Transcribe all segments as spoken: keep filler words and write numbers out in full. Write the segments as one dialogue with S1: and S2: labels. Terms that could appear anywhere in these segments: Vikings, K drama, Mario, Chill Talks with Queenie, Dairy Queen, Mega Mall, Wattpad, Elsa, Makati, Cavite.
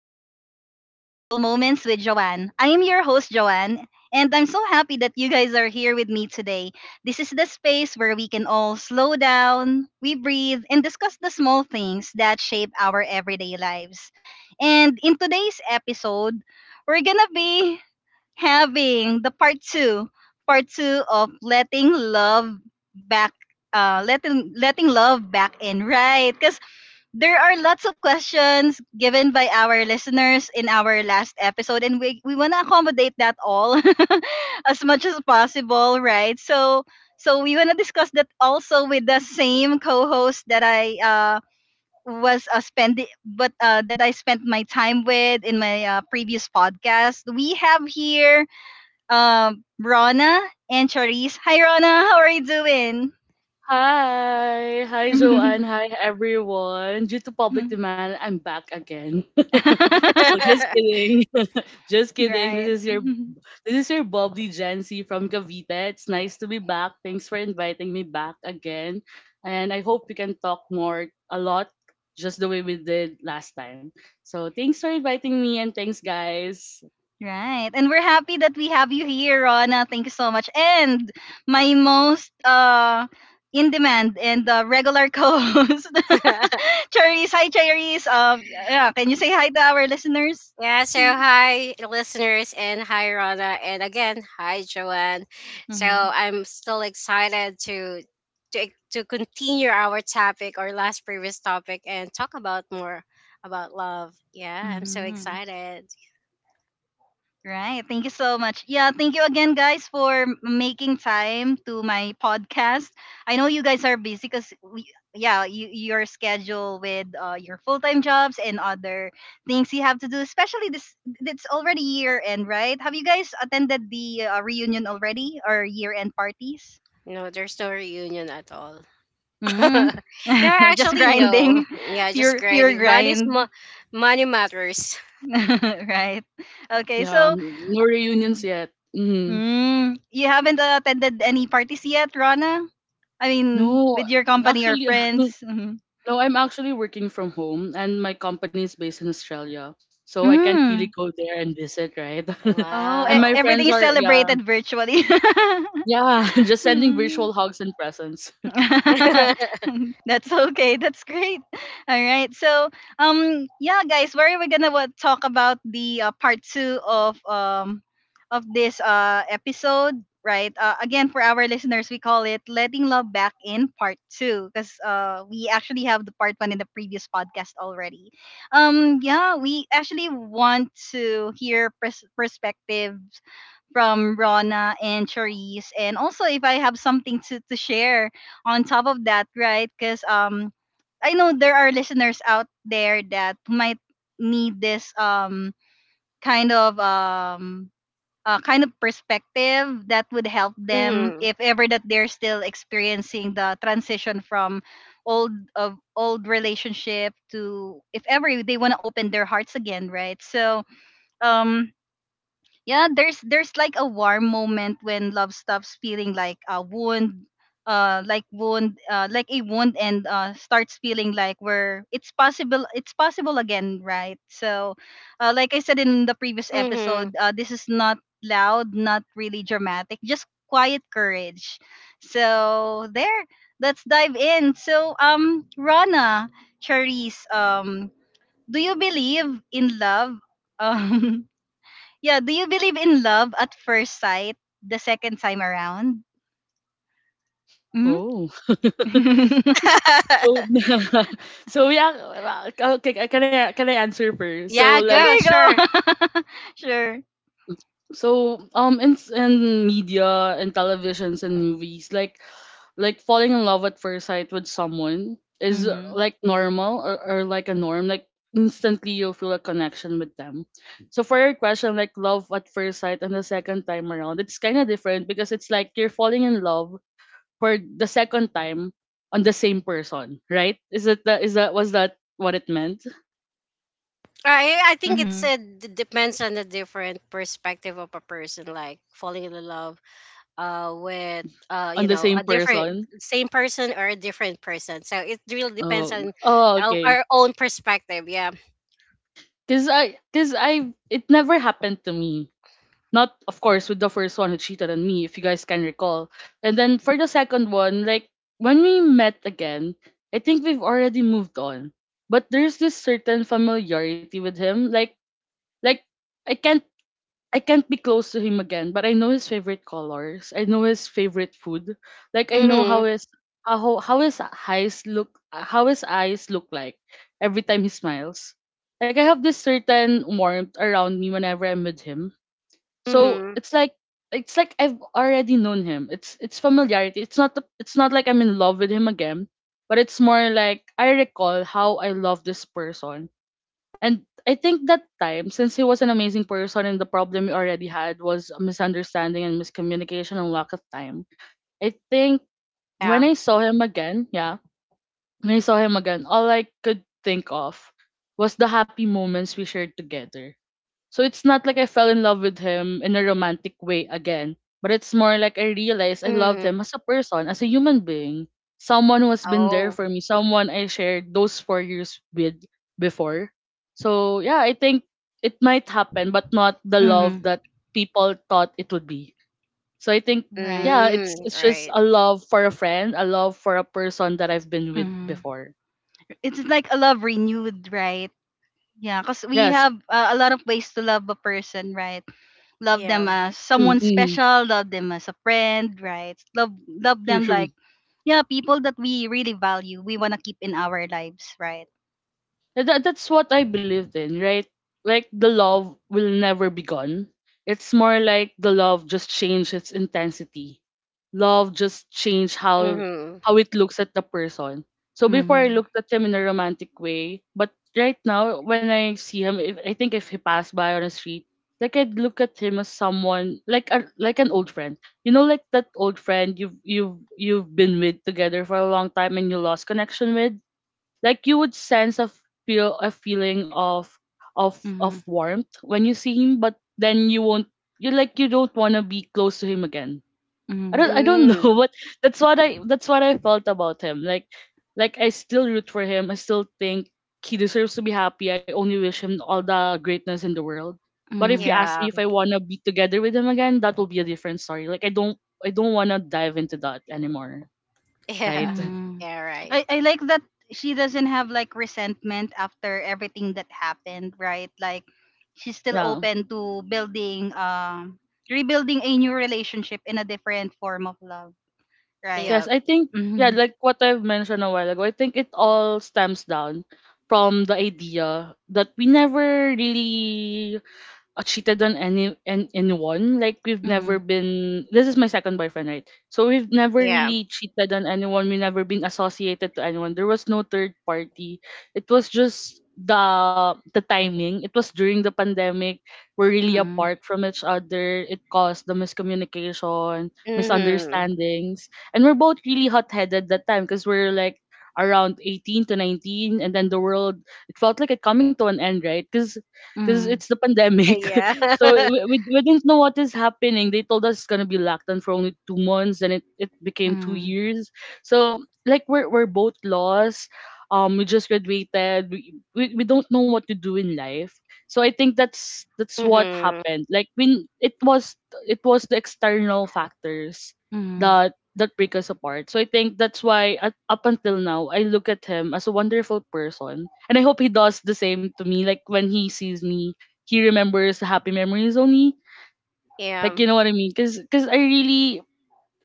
S1: and welcome to Mindful Moments with Joanne. I am your host, Joanne, and I'm so happy that you guys are here with me today. This is the space where we can all slow down, we breathe, and discuss the small things that shape our everyday lives. And in today's episode, we're gonna be having the part two, part two of letting love back, uh, letting letting love back in, right? Because there are lots of questions given by our listeners in our last episode and we we want to accommodate that all as much as possible, right? So so we want to discuss that also with the same co-host that I uh was uh, spending but uh, that I spent my time with in my uh, previous podcast we have here. Um rona and Charisse. Hi, Rona, how are you doing?
S2: Hi, hi Joanne, hi everyone. Due to public demand, I'm back again. so just kidding, just kidding. This
S1: Right.
S2: is your this is your bubbly Gen Z from Cavite. It's nice to be back. Thanks for inviting me back again, and I hope we can talk more a lot, just the way we did last time. So thanks for inviting me, and thanks guys.
S1: Right. And we're happy that we have you here, Rona. Thank you so much. And my most uh in demand and uh, regular co-host, Cherise. Hi, Cherise. Um, yeah. Can you say hi to our listeners?
S3: Yeah, so hi listeners and hi Rana and again hi Joanne. So
S1: Mm-hmm.
S3: I'm still excited to to to continue our topic or last previous topic, and talk about more about love. Yeah, I'm so
S1: Mm-hmm.
S3: excited.
S1: Right. Thank you so much. Yeah, thank you again, guys, for m- making time to my podcast. I know you guys are busy because, yeah, you, your schedule with uh, your full time jobs and other things you have to do, especially this, it's already year end, right? Have you guys attended the uh, reunion already or year end parties?
S3: No, there's no reunion at all. No,
S1: Mm. Just
S3: actually no.
S1: grinding,
S3: Yeah, just
S1: pure, pure
S3: grinding. Money's mo-
S1: grind.
S3: money matters.
S1: Right. Okay,
S2: Yeah,
S1: so.
S2: um, no reunions yet. Mhm.
S1: Mm. You haven't attended any parties yet, Rana? I mean,
S2: No,
S1: with your company or
S2: actually.
S1: friends? Hmm.
S2: No, I'm actually working from home and my company is based in Australia. So I can't really
S1: Mm.
S2: go there and visit, right?
S1: Oh,
S2: and
S1: e-
S2: my
S3: Wow.
S2: friends
S1: everything is
S2: are yeah,
S1: celebrated virtually.
S2: yeah, just sending
S1: Mm.
S2: virtual hugs and presents.
S1: That's okay. That's great. All right. So, um, yeah, guys, where we're gonna what, talk about the uh, part two of um of this uh episode, right? Uh, again, for our listeners, we call it "Letting Love Back In" part two because uh we actually have the part one in the previous podcast already. Um, yeah, we actually want to hear pers- perspectives from Rona and Charisse. And also if I have something to, to share on top of that, right? Because um I know there are listeners out there that might need this um kind of um uh, kind of perspective that would help them
S3: Mhm.
S1: if ever that they're still experiencing the transition from old of old relationship to if ever they want to open their hearts again, right? so um yeah, there's there's like a warm moment when love stops feeling like a wound, uh like wound uh like a wound, and uh starts feeling like we're it's possible, it's possible again, right? So uh like I said in the previous
S3: Mhm.
S1: episode, uh this is not loud, not really dramatic, just quiet courage. So there, let's dive in. So um Rana, Charisse, um do you believe in love, um yeah, do you believe in love at first sight the second time around? Mm?
S2: Oh. So, so yeah, uh, okay, can I can I answer first? So
S3: Yeah,
S2: like
S3: go,
S1: Okay,
S3: sure.
S1: go. Sure.
S2: so um in s- in media and televisions and movies, like like falling in love at first sight with someone is uh,
S1: Mhm.
S2: like normal, or, or like a norm. Like instantly you'll feel a connection with them. So for your question, like love at first sight and the second time around, it's kind of different because it's like you're falling in love for the second time on the same person, right? Is it that is that was that what it meant?
S3: I I think it's,
S1: Mhm.
S3: uh, depends on the different perspective of a person, like falling in love uh with uh
S2: On
S3: you
S2: the
S3: know
S2: same
S3: a different
S2: person.
S3: same person or a different person. So it really depends
S2: Oh,
S3: on
S2: oh,
S3: our,
S2: okay.
S3: our own perspective. Yeah.
S2: Cause I, cause I, it never happened to me. Not, of course, with the first one who cheated on me, if you guys can recall. And then for the second one, like when we met again, I think we've already moved on. But there's this certain familiarity with him. Like, like I can't I can't be close to him again, but I know his favorite colors. I know his favorite food. Like I know
S3: Mhm.
S2: how his how how his eyes look how his eyes look like every time he smiles. Like I have this certain warmth around me whenever I'm with him. So
S3: Mhm.
S2: it's like it's like I've already known him. It's it's familiarity. It's not the- it's not like I'm in love with him again, but it's more like I recall how I love this person. And I think that time, since he was an amazing person and the problem we already had was a misunderstanding and miscommunication and lack of time, I think when
S3: Yeah.
S2: I saw him again, yeah, when I saw him again, all I could think of was the happy moments we shared together. So it's not like I fell in love with him in a romantic way again, but it's more like I realized I loved
S3: Mhm.
S2: him as a person, as a human being, someone who has been there
S3: Oh.
S2: for me, someone I shared those four years with before. So yeah, I think it might happen, but not the love
S1: Mhm.
S2: that people thought it would be. So I think
S1: Right.
S2: yeah, it's
S3: Mm.
S2: it's just
S3: Right.
S2: a love for a friend, a love for a person that I've been with
S1: Mhm.
S2: before.
S1: It's like a love renewed, right? Yeah, cuz
S2: Yes,
S1: we have uh, a lot of ways to love a person, right? Love
S3: Yeah.
S1: them as
S2: true,
S1: someone
S2: mm,
S1: special, love them as a friend, right? Love love
S2: true,
S1: them
S2: true.
S1: like yeah, people that we really value, we want to keep in our lives, right?
S2: And That, that's what I believed in, right? Like the love will never be gone. It's more like the love just changed its intensity. Love just changed how
S3: Mhm.
S2: how it looks at the person. So before I
S1: Mhm.
S2: looked at him in a romantic way, but right now when I see him, if, I think if he passed by on a street, like I'd look at him as someone like a like an old friend. You know, like that old friend you've you've you've been with together for a long time and you lost connection with. Like you would sense a feel a feeling of of of
S1: Mhm.
S2: warmth when you see him, but then you won't you like you don't want to be close to him again. I
S1: Mhm.
S2: don't I don't
S3: Mm.
S2: know, but that's what I that's what I felt about him. Like like I still root for him. I still think he deserves to be happy. I only wish him all the greatness in the world. But if you
S1: Mhm.
S2: ask me
S3: Yeah.
S2: if I wanna be together with him again, that will be a different story. Like I don't I don't wanna dive into that anymore. Right?
S3: Yeah.
S1: Hmm.
S3: Yeah. Right.
S1: I, I like that she doesn't have like resentment after everything that happened, right? Like she's still
S2: Yeah.
S1: open to building um rebuilding a new relationship in a different form of love, right?
S2: Yes,
S3: Yeah.
S2: I think yeah,
S1: Mm-hmm.
S2: like what I've mentioned a while ago, I think it all stems down from the idea that we never really uh, cheated on any an, anyone. Like we've
S1: Mm-hmm.
S2: never been. This is my second boyfriend, right? So we've never
S3: Yeah.
S2: really cheated on anyone. We never been associated to anyone. There was no third party. It was just the the timing. It was during the pandemic. We're really
S1: Mm-hmm.
S2: apart from each other. It caused the miscommunication,
S3: Mhm.
S2: misunderstandings, and we're both really hot headed that time because we're like around eighteen to nineteen, and then the world, it felt like it coming to an end, right? Because because it's the pandemic.
S3: Yeah.
S2: so we, we, we didn't know what is happening. They told us it's gonna be locked down for only two months, and it, it became two
S1: Mm-hmm.
S2: years. So like we're we're both lost. Um, we just graduated. We, we we don't know what to do in life. So I think that's that's what
S3: Mhm.
S2: happened. Like when it was It was the external factors
S1: Mm-hmm.
S2: that that break us apart. So I think that's why, at, up until now, I look at him as a wonderful person, and I hope he does the same to me. Like when he sees me, he remembers the happy memories only. Like
S3: Yeah.
S2: you know what I mean? Because I really,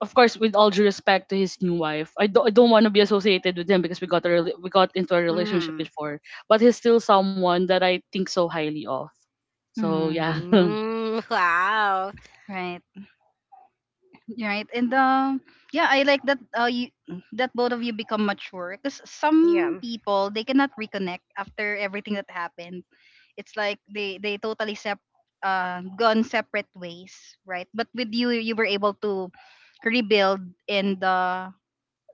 S2: of course, with all due respect to his new wife, I don't I don't want to be associated with him because we got a rela- we got into a relationship
S3: Mm-hmm.
S2: before, but he's still someone that I think so highly of. So
S1: Mm-hmm.
S2: yeah,
S3: Mm, wow.
S1: Right. Right. And um yeah, I like that uh you that both of you become mature because some
S3: Yeah.
S1: people they cannot reconnect after everything that happened. It's like they they totally sep uh gone separate ways, right? But with you, you were able to rebuild and uh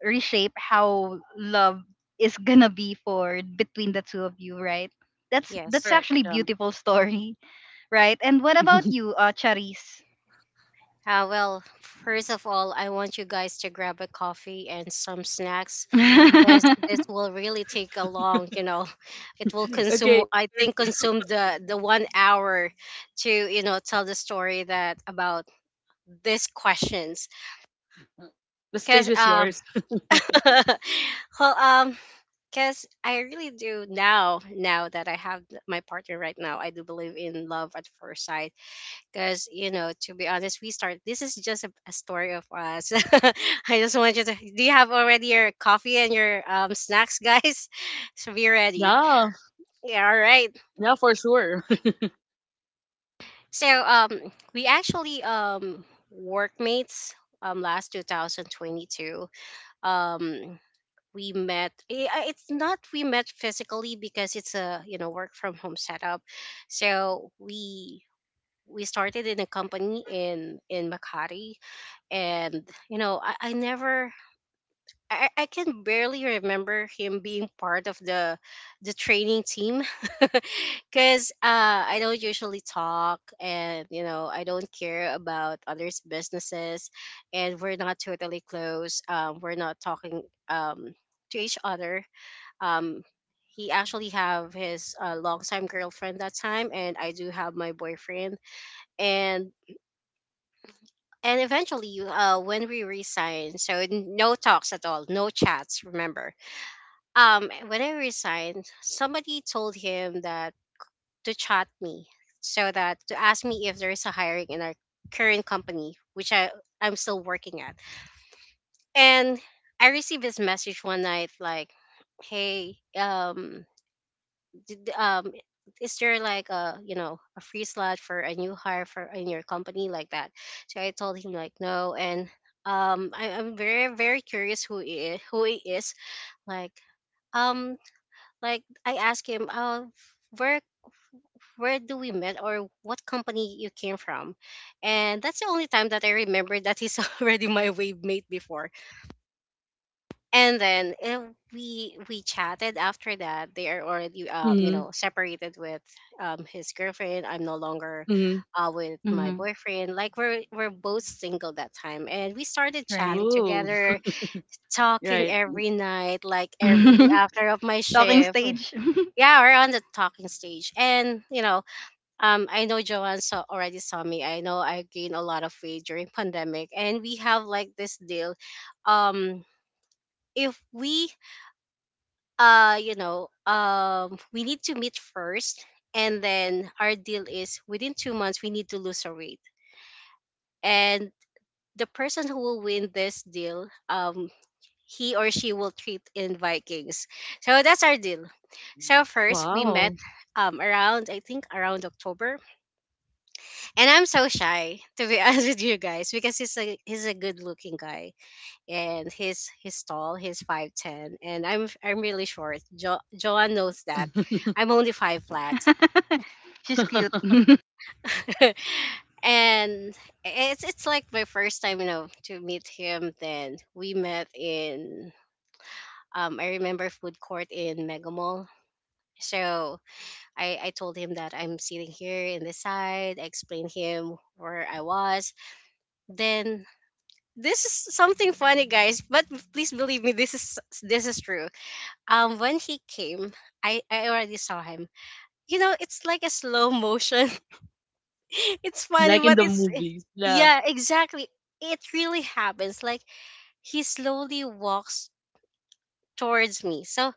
S1: reshape how love is gonna be for between the two of you, right? that's that's
S3: Yes.
S2: correct.
S1: actually
S2: Yeah.
S1: beautiful story. Right. And what about you, uh Charis?
S3: Uh, well, first of all, I want you guys to grab a coffee and some snacks, because this will really take a long, you know, it will consume,
S2: okay,
S3: I think, consume the, the one hour to, you know, tell the story that about these questions.
S2: the
S3: Because,
S2: stage is
S3: um,
S2: yours.
S3: well, um, because I really do, now, now that I have my partner right now, I do believe in love at first sight, because, you know to be honest, we start this is just a, a story of us. I just want you to Do you have already your coffee and your um, snacks, guys? So be ready.
S2: Yeah.
S3: Yeah, all right.
S2: Yeah, for sure.
S3: So, um we actually, um workmates, um last two thousand twenty-two. um we met, eh, uh, it's not we met physically, because it's a, you know, work from home setup. So we we started in a company in in Makati. And you know I, I never I, I I can barely remember him being part of the the training team, because, uh, I don't usually talk, and you know I don't care about others businesses. And we're not totally close. Um, we're not talking, um, to each other. um, he actually have his, uh, longtime girlfriend that time, and I do have my boyfriend. And and eventually, you- uh, when we resigned. So, n- no talks at all, no chats, remember? Um when I resigned, somebody told him that to chat me, so that to ask me if there is a hiring in our current company, which i i'm still working at. And I received this message one night, like, "Hey, um did, um, is there like a, you know a free slot for a new hire for in your company?" like that. So I told him like no. And, um, I, I'm very very curious who he who he is. Like, um, like I asked him, "Oh, where where do we met, or what company you came from?" And that's the only time that I remember that he's already my wave mate before. And then, eh, we we chatted. After that, they are already um you
S2: Mhm.
S3: know separated with, um his girlfriend. I'm no longer
S2: Mhm.
S3: uh with my
S1: Hmm.
S3: boyfriend, like we're we're both single that time, and we started
S1: Right.
S3: chatting
S2: Ooh,
S3: together, talking
S2: right.
S3: every night, like every after of my
S1: Talking
S3: shift. We-
S1: stage.
S3: yeah, we're on the talking stage. And, you know um I know Joanne saw already saw me. I know I gained a lot of weight during pandemic, and we have like this deal. um if we uh you know um we need to meet first. And then our deal is, within two months, we need to lose our weight. And the person who will win this deal, um he or she will treat in Vikings. So that's our deal. So first we met,
S2: Wow.
S3: um around, I think, around October. And I'm so shy to be, honest with you guys, because he's a he's a good looking guy. And he's he's tall, he's five'ten, and i'm i'm really short. Jo- joanne knows that, I'm only five flat.
S1: She's cute.
S3: And it's it's like my first time, you know to meet him. Then we met in, um I remember, food court in Mega Mall. So i i told him that I'm sitting here in the side. I explained him where I was. Then, this is something funny, guys, but please believe me, this is this is true. Um, when he came, I I already saw him. You know, it's like a slow motion. It's funny,
S2: Like
S3: but
S2: in the
S3: it's,
S2: movies. Yeah.
S3: yeah, exactly. It really happens. Like, he slowly walks towards me. So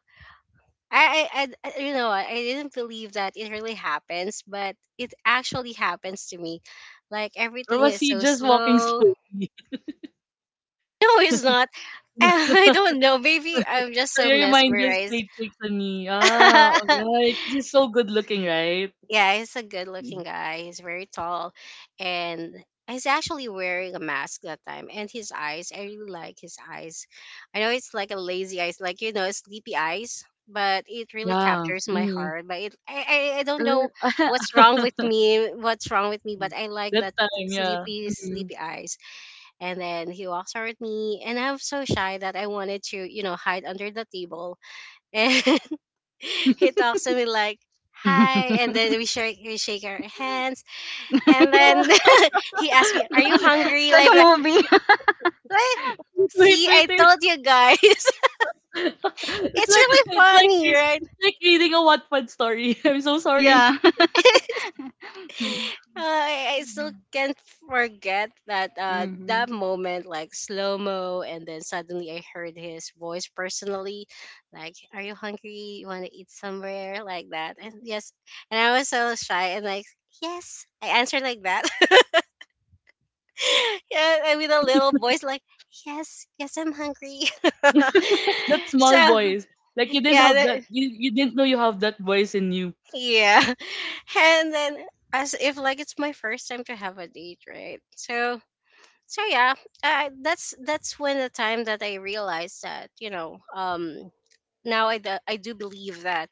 S3: I, I, I I- you know, I didn't believe that it really happens, but it actually happens to me. Like,
S2: Or
S3: everything
S2: was
S3: is
S2: he
S3: so
S2: just walking
S3: slow.
S2: slowly?
S3: No, it's not. I don't know. Maybe I'm just
S2: So
S3: so
S2: your mind just
S3: mesmerized.
S2: played tricks on me. Ah, alright. He's so good looking, right?
S3: Yeah, he's a good
S2: Mm.
S3: looking guy. He's very tall. And he's actually wearing a mask that time. And his eyes, I really like his eyes. I know it's like a lazy eyes, like, you know, sleepy eyes, but it really
S2: Yeah.
S3: captures my
S2: Mm.
S3: heart. But it, I, I, I don't know
S2: Er,
S3: what's wrong with me, what's wrong with me, but I like
S2: that
S3: that
S2: time, yeah.
S3: sleepy,
S2: Mm.
S3: sleepy eyes. And then he walks toward me. And I'm so shy that I wanted to, you know, hide under the table, and he talks to me like, "Hi," and then we shake we shake our hands. And
S1: It's
S2: Ah,
S3: then he asks me, "Are you hungry?"
S1: like
S3: like
S1: a
S3: that.
S1: movie.
S3: Like,
S2: wait,
S3: see,
S2: wait,
S3: I
S2: wait.
S3: told you guys.
S2: it's
S3: It's
S2: like
S3: really
S2: it's like
S3: funny,
S2: re-
S3: right?
S2: it's like reading a Wattpad story. I'm so sorry.
S1: Yeah.
S3: I, I still can't forget that uh
S1: Mm-hmm.
S3: that moment, like slow mo, and then suddenly I heard his voice personally, like, "Are you hungry? You want to eat somewhere?" like that. And, yes, and I was so shy, and like, "Yes," I answered, like that. Yeah, and with a little voice, like, "Yes, yes, I'm hungry."
S2: That small
S3: So,
S2: voice, like you didn't
S3: yeah,
S2: have that.
S3: that,
S2: You you didn't know you have that voice in you.
S3: yeah. And then, as if like it's my first time to have a date, right? So, so yeah, I, that's that's when the time that I realized that, you know um now, i, do- I do believe that,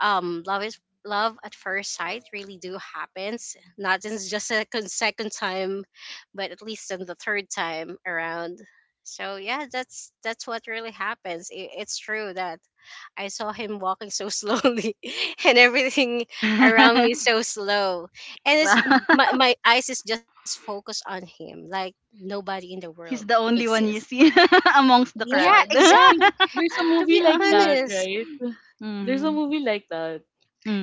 S3: um love is love at first sight really do happens, not in just a con- second time, but at least in the third time around. So yeah, that's that's what really happens. It, it's true that I saw him walking so slowly, and everything around me so slow. And
S1: Well,
S3: it's my, my eyes is just focused on him, like nobody in the
S1: he's
S3: world
S1: the only one you
S3: exists.
S1: see amongst the
S2: Well, I,
S3: Yeah,
S1: crowd.
S2: I think
S3: exactly.
S2: there's a
S3: To
S2: movie
S3: be
S2: like that,
S1: Mm-hmm.
S3: honest,
S2: right? There's a movie like that.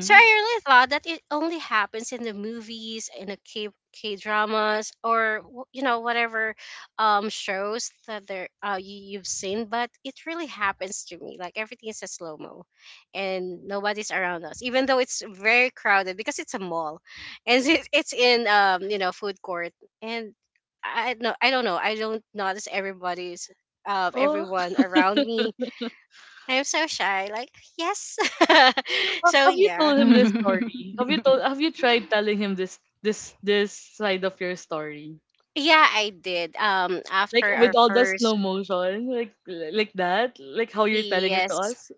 S3: so I really thought that it only happens in the movies, in the K K dramas, or, w- you know whatever, um shows that there, uh you, you've seen. But it really happens to me. Like everything is a slow mo, and nobody's around us, even though it's very crowded because it's a mall, and it's it's in, um you know food court, and, I no, I don't know. I don't notice everybody's, of
S2: Oh,
S3: everyone around me. I'm so shy. Like, yes.
S2: Ha-
S3: So
S2: have you
S3: yeah.
S2: told him this
S1: Mhm.
S2: story? Have you told? Have you tried telling him this this this side of your story?
S3: Yeah, I did. Um,
S2: Like
S3: after our
S2: with all the
S3: first,
S2: slow motion, like like that, like how you're telling it to
S3: yes,
S2: us.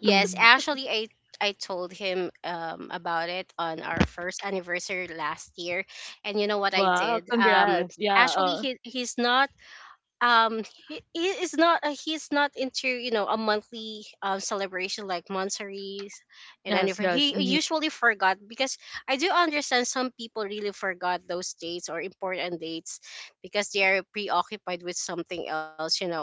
S3: yes. Actually, I I told him, um about it on our first anniversary last year, and you know what I
S2: Wow,
S3: did? Um,
S2: congrats. Yeah,
S3: actually,
S2: uh,
S3: he he's not um he, he is not uh, he's not into, you know a monthly, um celebration, like monsaries and
S2: yes,
S3: anniversary.
S2: yes.
S3: He
S2: Mhm.
S3: usually forgot, because I do understand some people really forgot those dates or important dates, because they are preoccupied with something else you know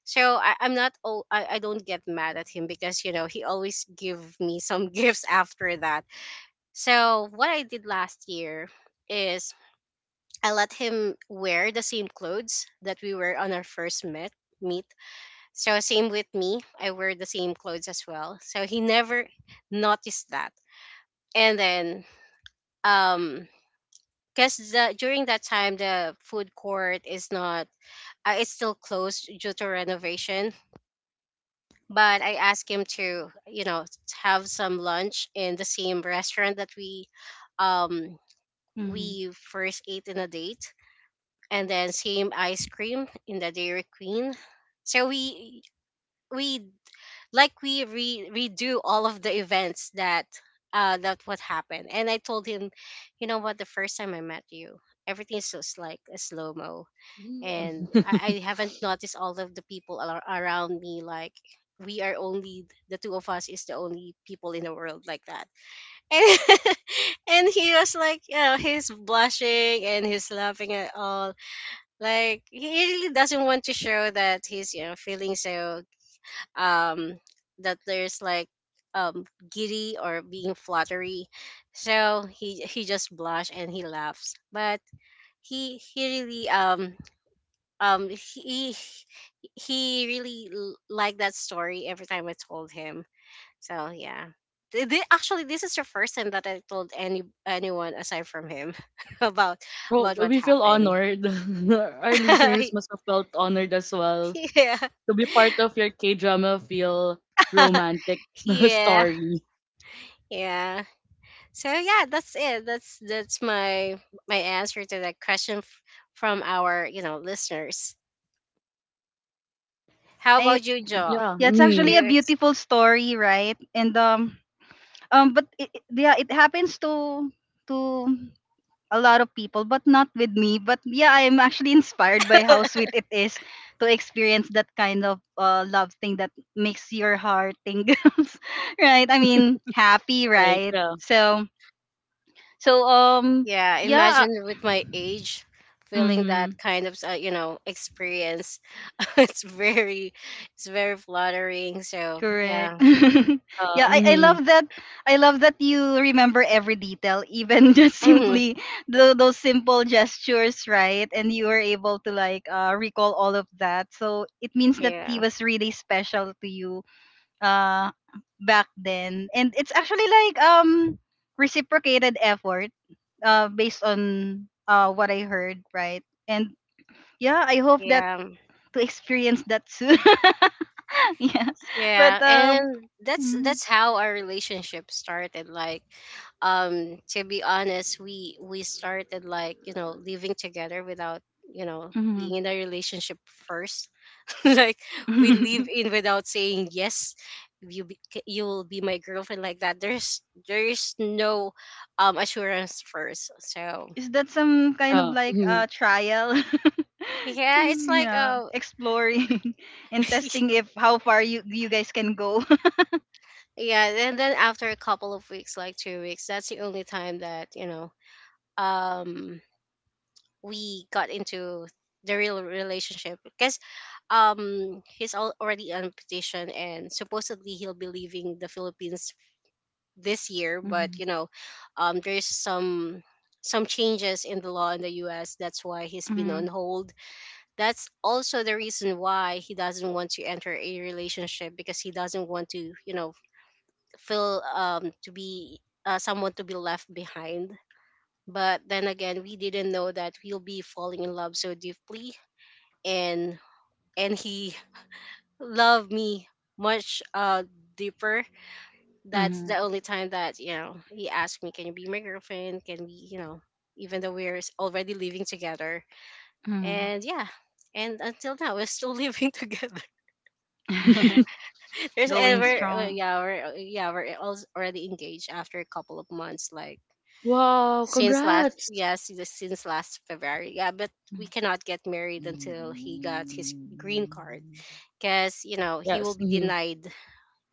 S3: So I, I'm not all I, I don't get mad at him, because, you know he always give me some gifts after that. So what I did last year is, I let him wear the same clothes that we were on our first met meet. So same with me, I wear the same clothes as well. So he never noticed that. And then, um because the during that time, the food court is not, uh, it's still closed due to renovation. But I asked him to, you know have some lunch in the same restaurant that we um we first ate in a date. And then same ice cream in the Dairy Queen. So we we like we re, redo all of the events that, uh that what happened. And I told him, "You know what, the first time I met you, everything is just like a slow mo, and I, I haven't noticed all of the people ar- around me, like, we are only the two of us is the only people in the world." Like that. And, and he was like, you know, he's blushing and he's laughing at all, like he really doesn't want to show that he's, you know feeling so, um that there's like, um giddy or being fluttery. So he he just blush and he laughs. But he he really um um he he really l- liked that story every time I told him. So yeah. Th- thi- Actually, this is the first time that I told any anyone aside from him about
S2: Well,
S3: about what
S2: we feel
S3: happened.
S2: honored. Our listeners must have felt honored as well
S3: Yeah.
S2: to be part of your K drama feel romantic
S3: Yeah,
S2: story.
S3: yeah, so yeah, that's it, that's that's my my answer to that question f- from our you know listeners. How
S1: Right.
S3: about you, Joe?
S2: Yeah,
S1: Yeah, it's actually
S3: you
S2: Hmm.
S1: a
S3: ex-
S1: beautiful story, right? And um um but it, it- yeah, it happens to to a lot of people, but not with me. But yeah, I am actually inspired by how sweet it is to experience that kind of uh, love thing that makes your heart tingles, right? I mean, happy,
S2: Right.
S1: right?
S2: Yeah.
S1: So, so um,
S3: yeah,
S1: yeah.
S3: imagine with my age feeling
S1: Mhm.
S3: that kind of uh, you know, experience. It's very, it's very flattering, so
S1: Correct.
S3: yeah.
S1: Yeah,
S2: Uh,
S1: I, I
S2: mm,
S1: love that. I love that you remember every detail, even just
S3: Hmm.
S1: simply the, those simple gestures, right? And you were able to like uh, recall all of that. So it means that he
S3: Yeah.
S1: was really special to you, uh, back then, and it's actually like um reciprocated effort, uh, based on uh, what I heard, right? And yeah, I hope that
S3: Yeah.
S1: to experience that soon. Yeah, but
S3: Yeah,
S1: um.
S3: and that's
S1: Mm.
S3: that's how our relationship started. Like, um, to be honest, we we started, like, you know, living together without you know
S1: Mhm.
S3: being in a relationship first. Like, we live in without saying yes. You be, you'll be my girlfriend, like that. There's there's no um assurance first. So
S1: Is that some kind of
S2: uh,
S1: like
S2: mhm.
S1: a trial?
S3: yeah, it's
S1: Mm,
S3: like
S1: yeah,
S3: uh
S1: exploring and testing if how far you you guys can go.
S3: yeah, and then after a couple of weeks, like two weeks, that's the only time that you know um we got into the real relationship because um he's al- already on petition and supposedly he'll be leaving the Philippines this year, but
S1: Mhm.
S3: you know um there's some some changes in the law in the U S, that's why he's been on
S1: Mhm.
S3: hold. That's also the reason why he doesn't want to enter a relationship, because he doesn't want to you know feel um to be uh, someone to be left behind. But then again, we didn't know that we'll be falling in love so deeply, and and he loved me much uh deeper. That's the
S1: Mhm.
S3: only time that you know he asked me, can you be my girlfriend, can we you know, even though we're s- already living together.
S1: Mhm.
S3: And yeah, and until now we're still living together. There's
S1: Going
S3: ever uh,
S1: strong.
S3: yeah, we're uh, yeah, we're als- already engaged after a couple of months, like
S2: Wow,
S3: since last
S2: congrats.
S3: yes yeah, si-, since last February. Yeah, but we cannot get married until he got his green card, because you know he will
S2: Yes.
S3: be
S2: Mhm.
S3: denied,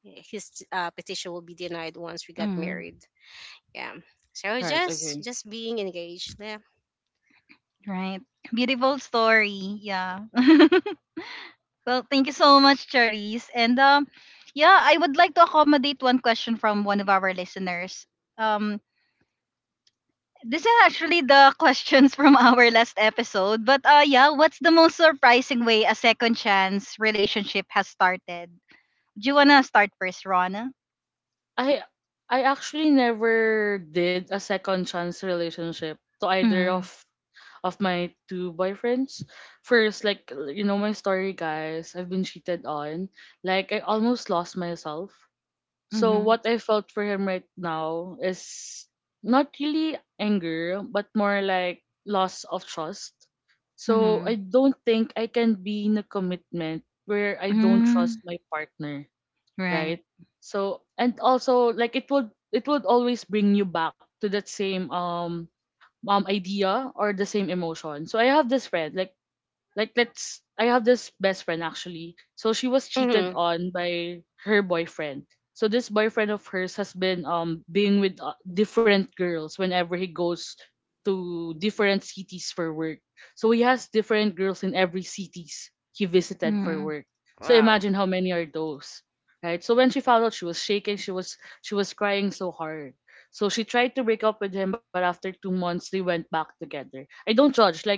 S3: his uh, petition will be denied once we got
S1: Mhm.
S3: married. Yeah. So
S2: Right. Okay.
S3: just just being engaged. Yeah.
S1: Right. Beautiful story. Yeah. Well, thank you so much, Charisse. And um, yeah, I would like to accommodate one question from one of our listeners. Um, This is actually the questions from our last episode. But uh yeah, what's the most surprising way a second chance relationship has started? Do you wanna start first, Rona?
S2: I I actually never did a second chance relationship to either of
S1: Mm.
S2: of my two boyfriends. First, like you know my story, guys. I've been cheated on. Like I almost lost myself. So
S1: Mm-hmm.
S2: what I felt for him right now is not really anger, but more like loss of trust. So
S1: Mm-hmm.
S2: I don't think I can be in a commitment where I don't trust
S1: Mm.
S2: my partner,
S1: Right.
S2: right? So, and also, like it would it would always bring you back to that same um um idea or the same emotion. So I have this friend like like let's I have this best friend actually. So she was cheated
S3: Hmm.
S2: on by her boyfriend. So this boyfriend of hers has been um being with uh, different girls whenever he goes to different cities for work. So he has different girls in every cities he visited for
S1: Mm.
S2: work. So
S3: Wow.
S2: imagine how many are those, right? So when she found out, she was shaking. She was she was crying so hard. So she tried to break up with him, but after two months, they went back together. I don't judge. Like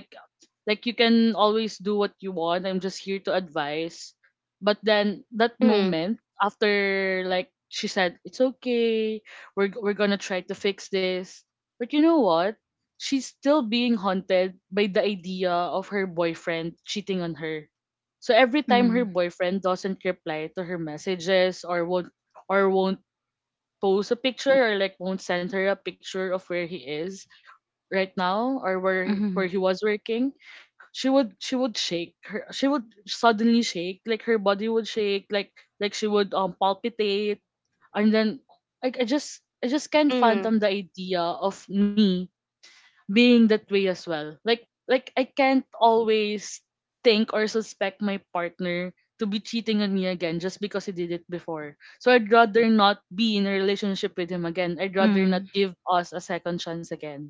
S2: like you can always do what you want. I'm just here to advise. But then that
S3: Hmm.
S2: moment after, like, she said, "It's okay. We're we're going to try to fix this." But you know what? She's still being haunted by the idea of her boyfriend cheating on her. So every time her
S1: Mm.
S2: boyfriend doesn't reply to her messages or won't or won't post a picture or like won't send her a picture of where he is right now or where
S1: Mm-hmm.
S2: where he was working. She would she would shake her she would suddenly shake, like her body would shake, like like she would um palpitate. And then I, I just I just can't
S3: Hmm.
S2: fathom the idea of me being that way as well. Like like I can't always think or suspect my partner to be cheating on me again just because he did it before, so I'd rather not be in a relationship with him again. I'd rather not
S1: Mm.
S2: give us a second chance again.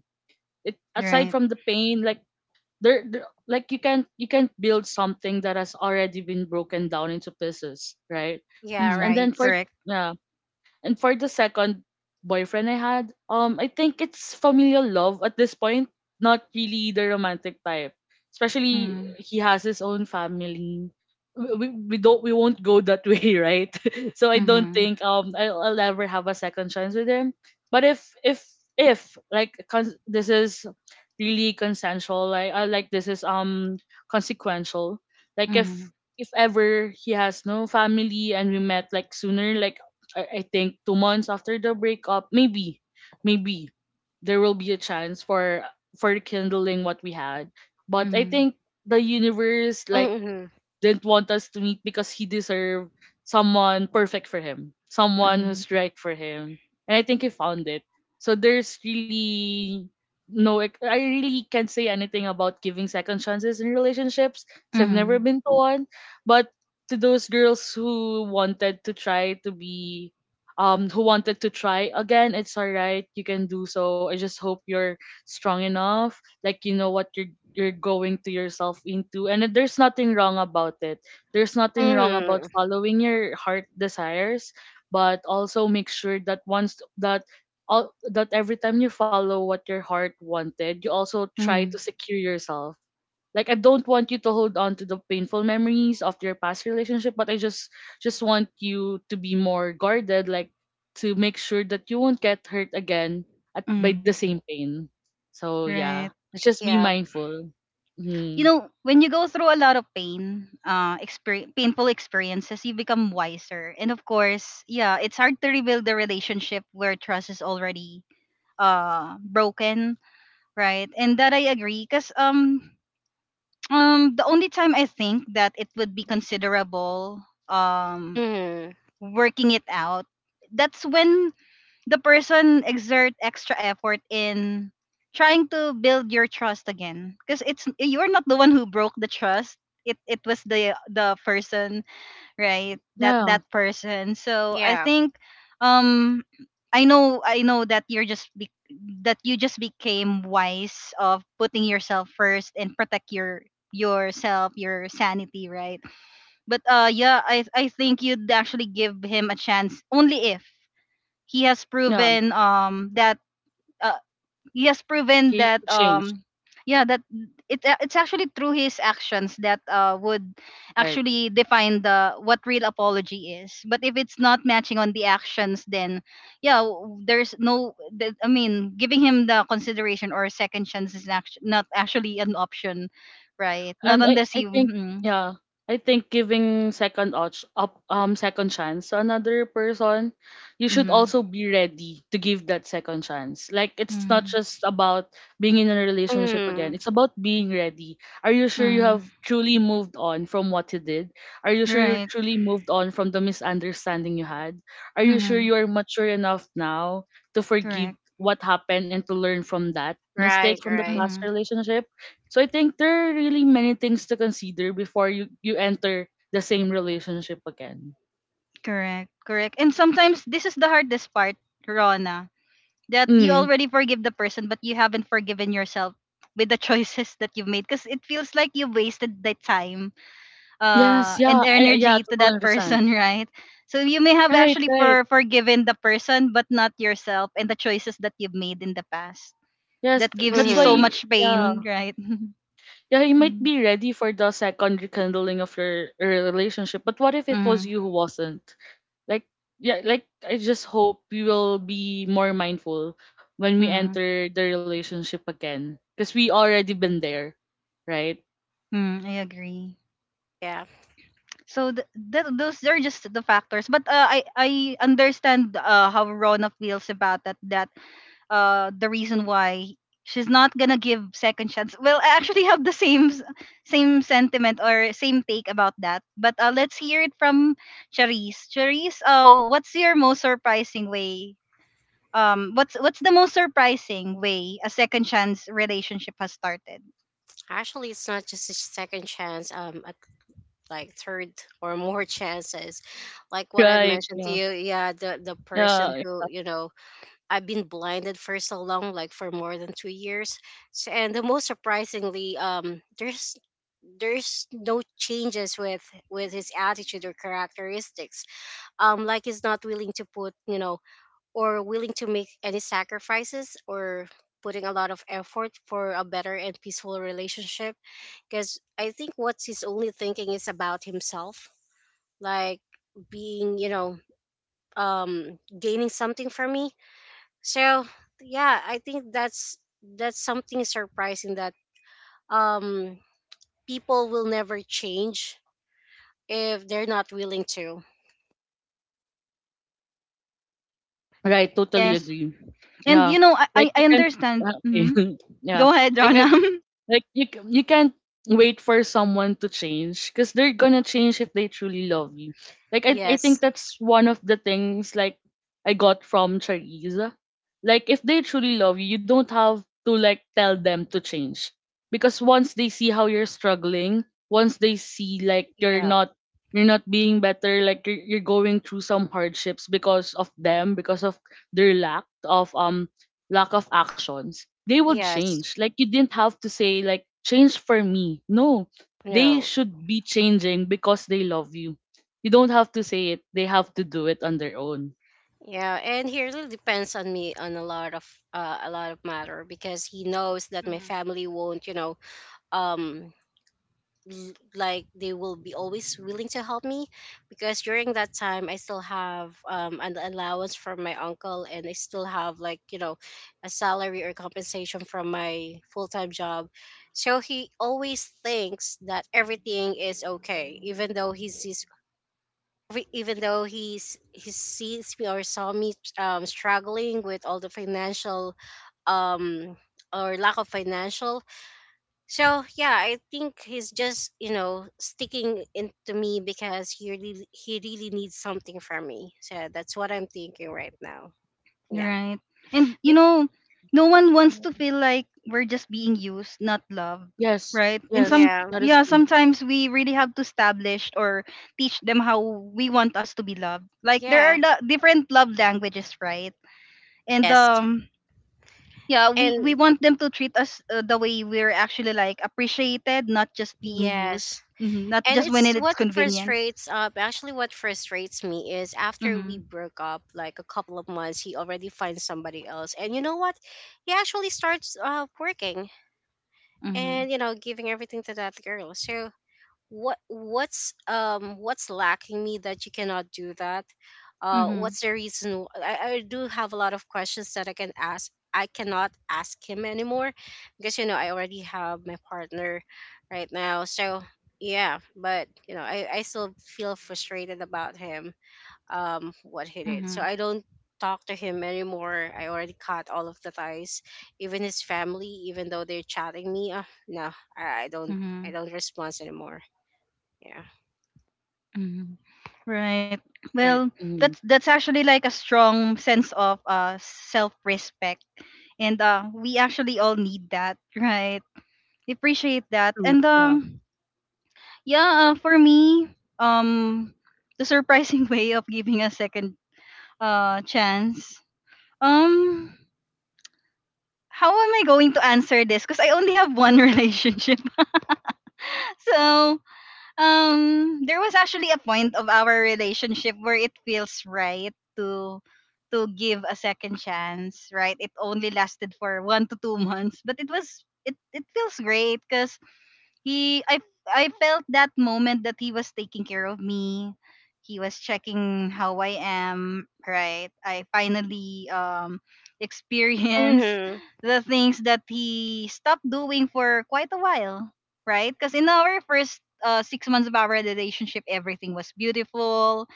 S2: It aside
S1: Right.
S2: from the pain, like there, there like you can you can build something that has already been broken down into pieces, right?
S3: Yeah.
S2: and
S1: Mm.
S3: Right.
S2: then for
S1: Correct.
S2: yeah and for the second boyfriend I had, um, I think it's familial love at this point, not really the romantic type. Especially
S1: Mm.
S2: he has his own family. We, we we don't we won't go that way, right? So I don't
S1: Mm-hmm.
S2: think um I'll, I'll ever have a second chance with him. But if if if like cons- this is really consensual, like I like this is um consequential. Like
S1: Mm.
S2: if if ever he has no family and we met like sooner, like I, I think two months after the breakup, maybe, maybe there will be a chance for for rekindling what we had. But I
S1: Mm.
S2: think the universe like
S3: Hmm.
S2: didn't want us to meet because he deserved someone perfect for him, someone
S1: Mm.
S2: who's right for him. And I think he found it. So there's really no, ex- I really can't say anything about giving second chances in relationships because I've never
S1: Mm.
S2: been to one. But to those girls who wanted to try to be, um, who wanted to try again, it's alright. You can do so. I just hope you're strong enough, like you know what you're you're going to yourself into, and it- there's nothing wrong about it. There's nothing wrong about
S3: Hmm.
S2: following your heart desires, but also make sure that once that all that every time you follow what your heart wanted, you also try
S1: Mm.
S2: to secure yourself. Like I don't want you to hold on to the painful memories of your past relationship, but I just just want you to be more guarded, like to make sure that you won't get hurt again at by the
S1: Mm.
S2: same pain. So yeah.
S1: Right.
S2: Let's just be
S3: Yeah.
S2: mindful.
S1: You
S2: Mhm.
S1: know, when you go through a lot of pain, uh, experience, painful experiences, you become wiser. And of course, yeah, it's hard to rebuild the relationship where trust is already uh broken, right? And that I agree, cause um um the only time I think that it would be considerable um
S3: Hmm.
S1: working it out, that's when the person exert extra effort in trying to build your trust again because it's you're not the one who broke the trust. it it was the the person, right? That
S2: Yeah.
S1: that person. So I
S3: Yeah.
S1: think um I know I know that you're just be, that you just became wise of putting yourself first and protect your yourself your sanity, right? But uh yeah, i i think you'd actually give him a chance only if he has
S2: Yeah.
S1: proven um that uh, he has
S2: He
S1: proven that
S2: changed.
S1: um yeah, that it a- it's actually through his actions that uh would
S2: Right.
S1: actually define the what real apology is. But if it's not matching on the actions, then yeah, w- there's no the- I mean giving him the consideration or second chance is act- not actually an option, right? Not
S2: and I,
S1: unless
S2: I
S1: you
S2: think
S1: mm,
S2: yeah, I think giving second op- up um second chance to another person, you should
S1: mm,
S2: also be ready to give that second chance. Like it's not
S1: mm,
S2: just about being in a relationship again,
S3: Hmm.
S2: it's about being ready. Are you sure you have
S1: mm,
S2: truly moved on from what you did? Are you sure you
S1: right,
S2: truly moved on from the misunderstanding you had? Are you sure
S1: mm,
S2: you are mature enough now to forgive
S1: correct.
S2: what happened and to learn from that mistake
S3: Right.
S2: from the
S3: Right.
S2: past
S1: Mm-hmm.
S2: relationship? So I think there are really many things to consider before you you enter the same relationship again.
S1: Correct, correct. And sometimes this is the hardest part, Rona, that you
S2: Mm.
S1: already forgive the person, but you haven't forgiven yourself with the choices that you've made because it feels like you wasted the time uh,
S2: Yes, yeah,
S1: and
S2: I, yeah,
S1: energy to
S2: totally
S1: that
S2: understand.
S1: person, right? So you may have
S2: Right,
S1: actually
S2: right.
S1: for forgiven the person, but not yourself and the choices that you've made in the past.
S2: Yes,
S1: That
S2: th- that's
S1: gives
S2: why.
S1: you so
S3: Hmm.
S1: much
S2: Yeah,
S1: pain, right?
S2: yeah, you might
S1: Mm-hmm.
S2: be ready for the second rekindling of your, your relationship, but what if it was you who wasn't? Like, yeah, like I just hope you will be more mindful when we
S1: Mm-hmm.
S2: enter the relationship again, because we already been there, right?
S1: Mm-hmm. I agree.
S3: Yeah.
S1: So th- th- those are just the factors. But uh, I I understand uh, how Rona feels about that. That uh, the reason why she's not gonna give second chance. Well, I actually have the same s- same sentiment or same take about that. But uh, let's hear it from Charisse. Charisse, uh, what's your most surprising way? Um, what's what's the most surprising way a second chance relationship has started?
S3: Actually, it's not just a second chance. Um, at like third or more chances, like what I
S2: Right.
S3: mentioned to
S2: Yeah.
S3: you. Yeah. The the person
S2: Yeah.
S3: who you know I've been blinded for so long, like for more than two years. So, and the most surprisingly, um, there's there's no changes with with his attitude or characteristics. Um, like he's not willing to put, you know, or willing to make any sacrifices or putting a lot of effort for a better and peaceful relationship. Because I think what he's only thinking is about himself, like being, you know, um, gaining something from me. So yeah, I think that's that's something surprising, that um people will never change if they're not willing to.
S2: Right, totally
S3: Yeah.
S1: Yes,
S2: agree.
S1: and
S2: Yeah,
S1: you know I
S2: like
S1: I
S2: you
S1: I
S2: can
S1: understand. Hmm.
S2: okay, yeah,
S1: Go ahead,
S2: like I
S1: Rona.
S2: like you c- you can't wait for someone to change, because they're gonna change if they truly love you. Like I I think
S3: Yes.
S2: that's one of the things like I got from Charisa. Like if they truly love you, you don't have to like tell them to change, because once they see how you're struggling, once they see like you're
S3: Yeah.
S2: not you're not being better, like you're, you're going through some hardships because of them, because of their lack of um lack of actions, they would
S3: Yes.
S2: change. Like you didn't have to say like change for me. No, they
S3: No.
S2: should be changing because they love you. You don't have to say it. They have to do it on their own.
S3: Yeah, and he really depends on me on a lot of uh, a lot of matter, because he knows that my family won't, you know, um l- like they will be always willing to help me, because during that time I still have um, an allowance from my uncle, and I still have like you know a salary or compensation from my full-time job. So he always thinks that everything is okay, even though he sees re- even though he's he sees me or saw me um, struggling with all the financial um or lack of financial. So yeah, I think he's just you know sticking into me because he really he really needs something from me. So that's what I'm thinking right now. Yeah.
S1: Right. And you
S3: Be-
S1: know, no one wants to feel like we're just being used, not loved,
S2: Yes,
S1: right? And
S2: yes,
S1: some
S3: yeah,
S2: that is
S1: yeah,
S2: true.
S1: sometimes we really have to establish or teach them how we want us to be loved. Like there
S3: yeah,
S1: are lo- different love languages, right? And
S3: yes,
S1: um yeah, we we
S3: and
S1: want them to treat us uh, the way we're actually like appreciated, not just being used.
S3: yes,
S1: Hmm. Not
S3: and
S1: just when
S3: it's what
S1: it's convenient.
S3: frustrates. Up Actually, what frustrates me is after we
S1: Mhm.
S3: broke up, like a couple of months, he already finds somebody else, and you know what? He actually starts uh working
S1: Mhm.
S3: and you know giving everything to that girl. So what what's um what's lacking me that you cannot do that, uh
S1: Mhm.
S3: what's the reason w- I, I do have a lot of questions that I can ask I cannot ask him anymore, because you know I already have my partner right now. So yeah, but you know i, I still feel frustrated about him um what he did, so
S1: Mhm.
S3: I don't talk to him anymore, I already cut all of the ties, even his family, even though they're chatting me uh, no, I, I don't, I
S1: Mhm.
S3: don't respond anymore. Yeah.
S1: Mhm. Right.
S2: Right.
S1: Well,
S2: Mm-hmm.
S1: that's that's actually like a strong sense of uh self-respect, and uh we actually all need that, right? Appreciate that,
S2: True.
S1: and
S2: Yeah.
S1: um yeah, uh, for me, um the surprising way of giving a second uh chance. Um, how am I going to answer this? Because I only have one relationship, so um there was actually a point of our relationship where it feels right to to give a second chance, right? It only lasted for one to two months, but it was it it feels great because he I I felt that moment that he was taking care of me. He was checking how I am, right? I finally um experienced
S3: Mhm.
S1: the things that he stopped doing for quite a while, right? Because in our first uh, six months of our relationship, everything was beautiful.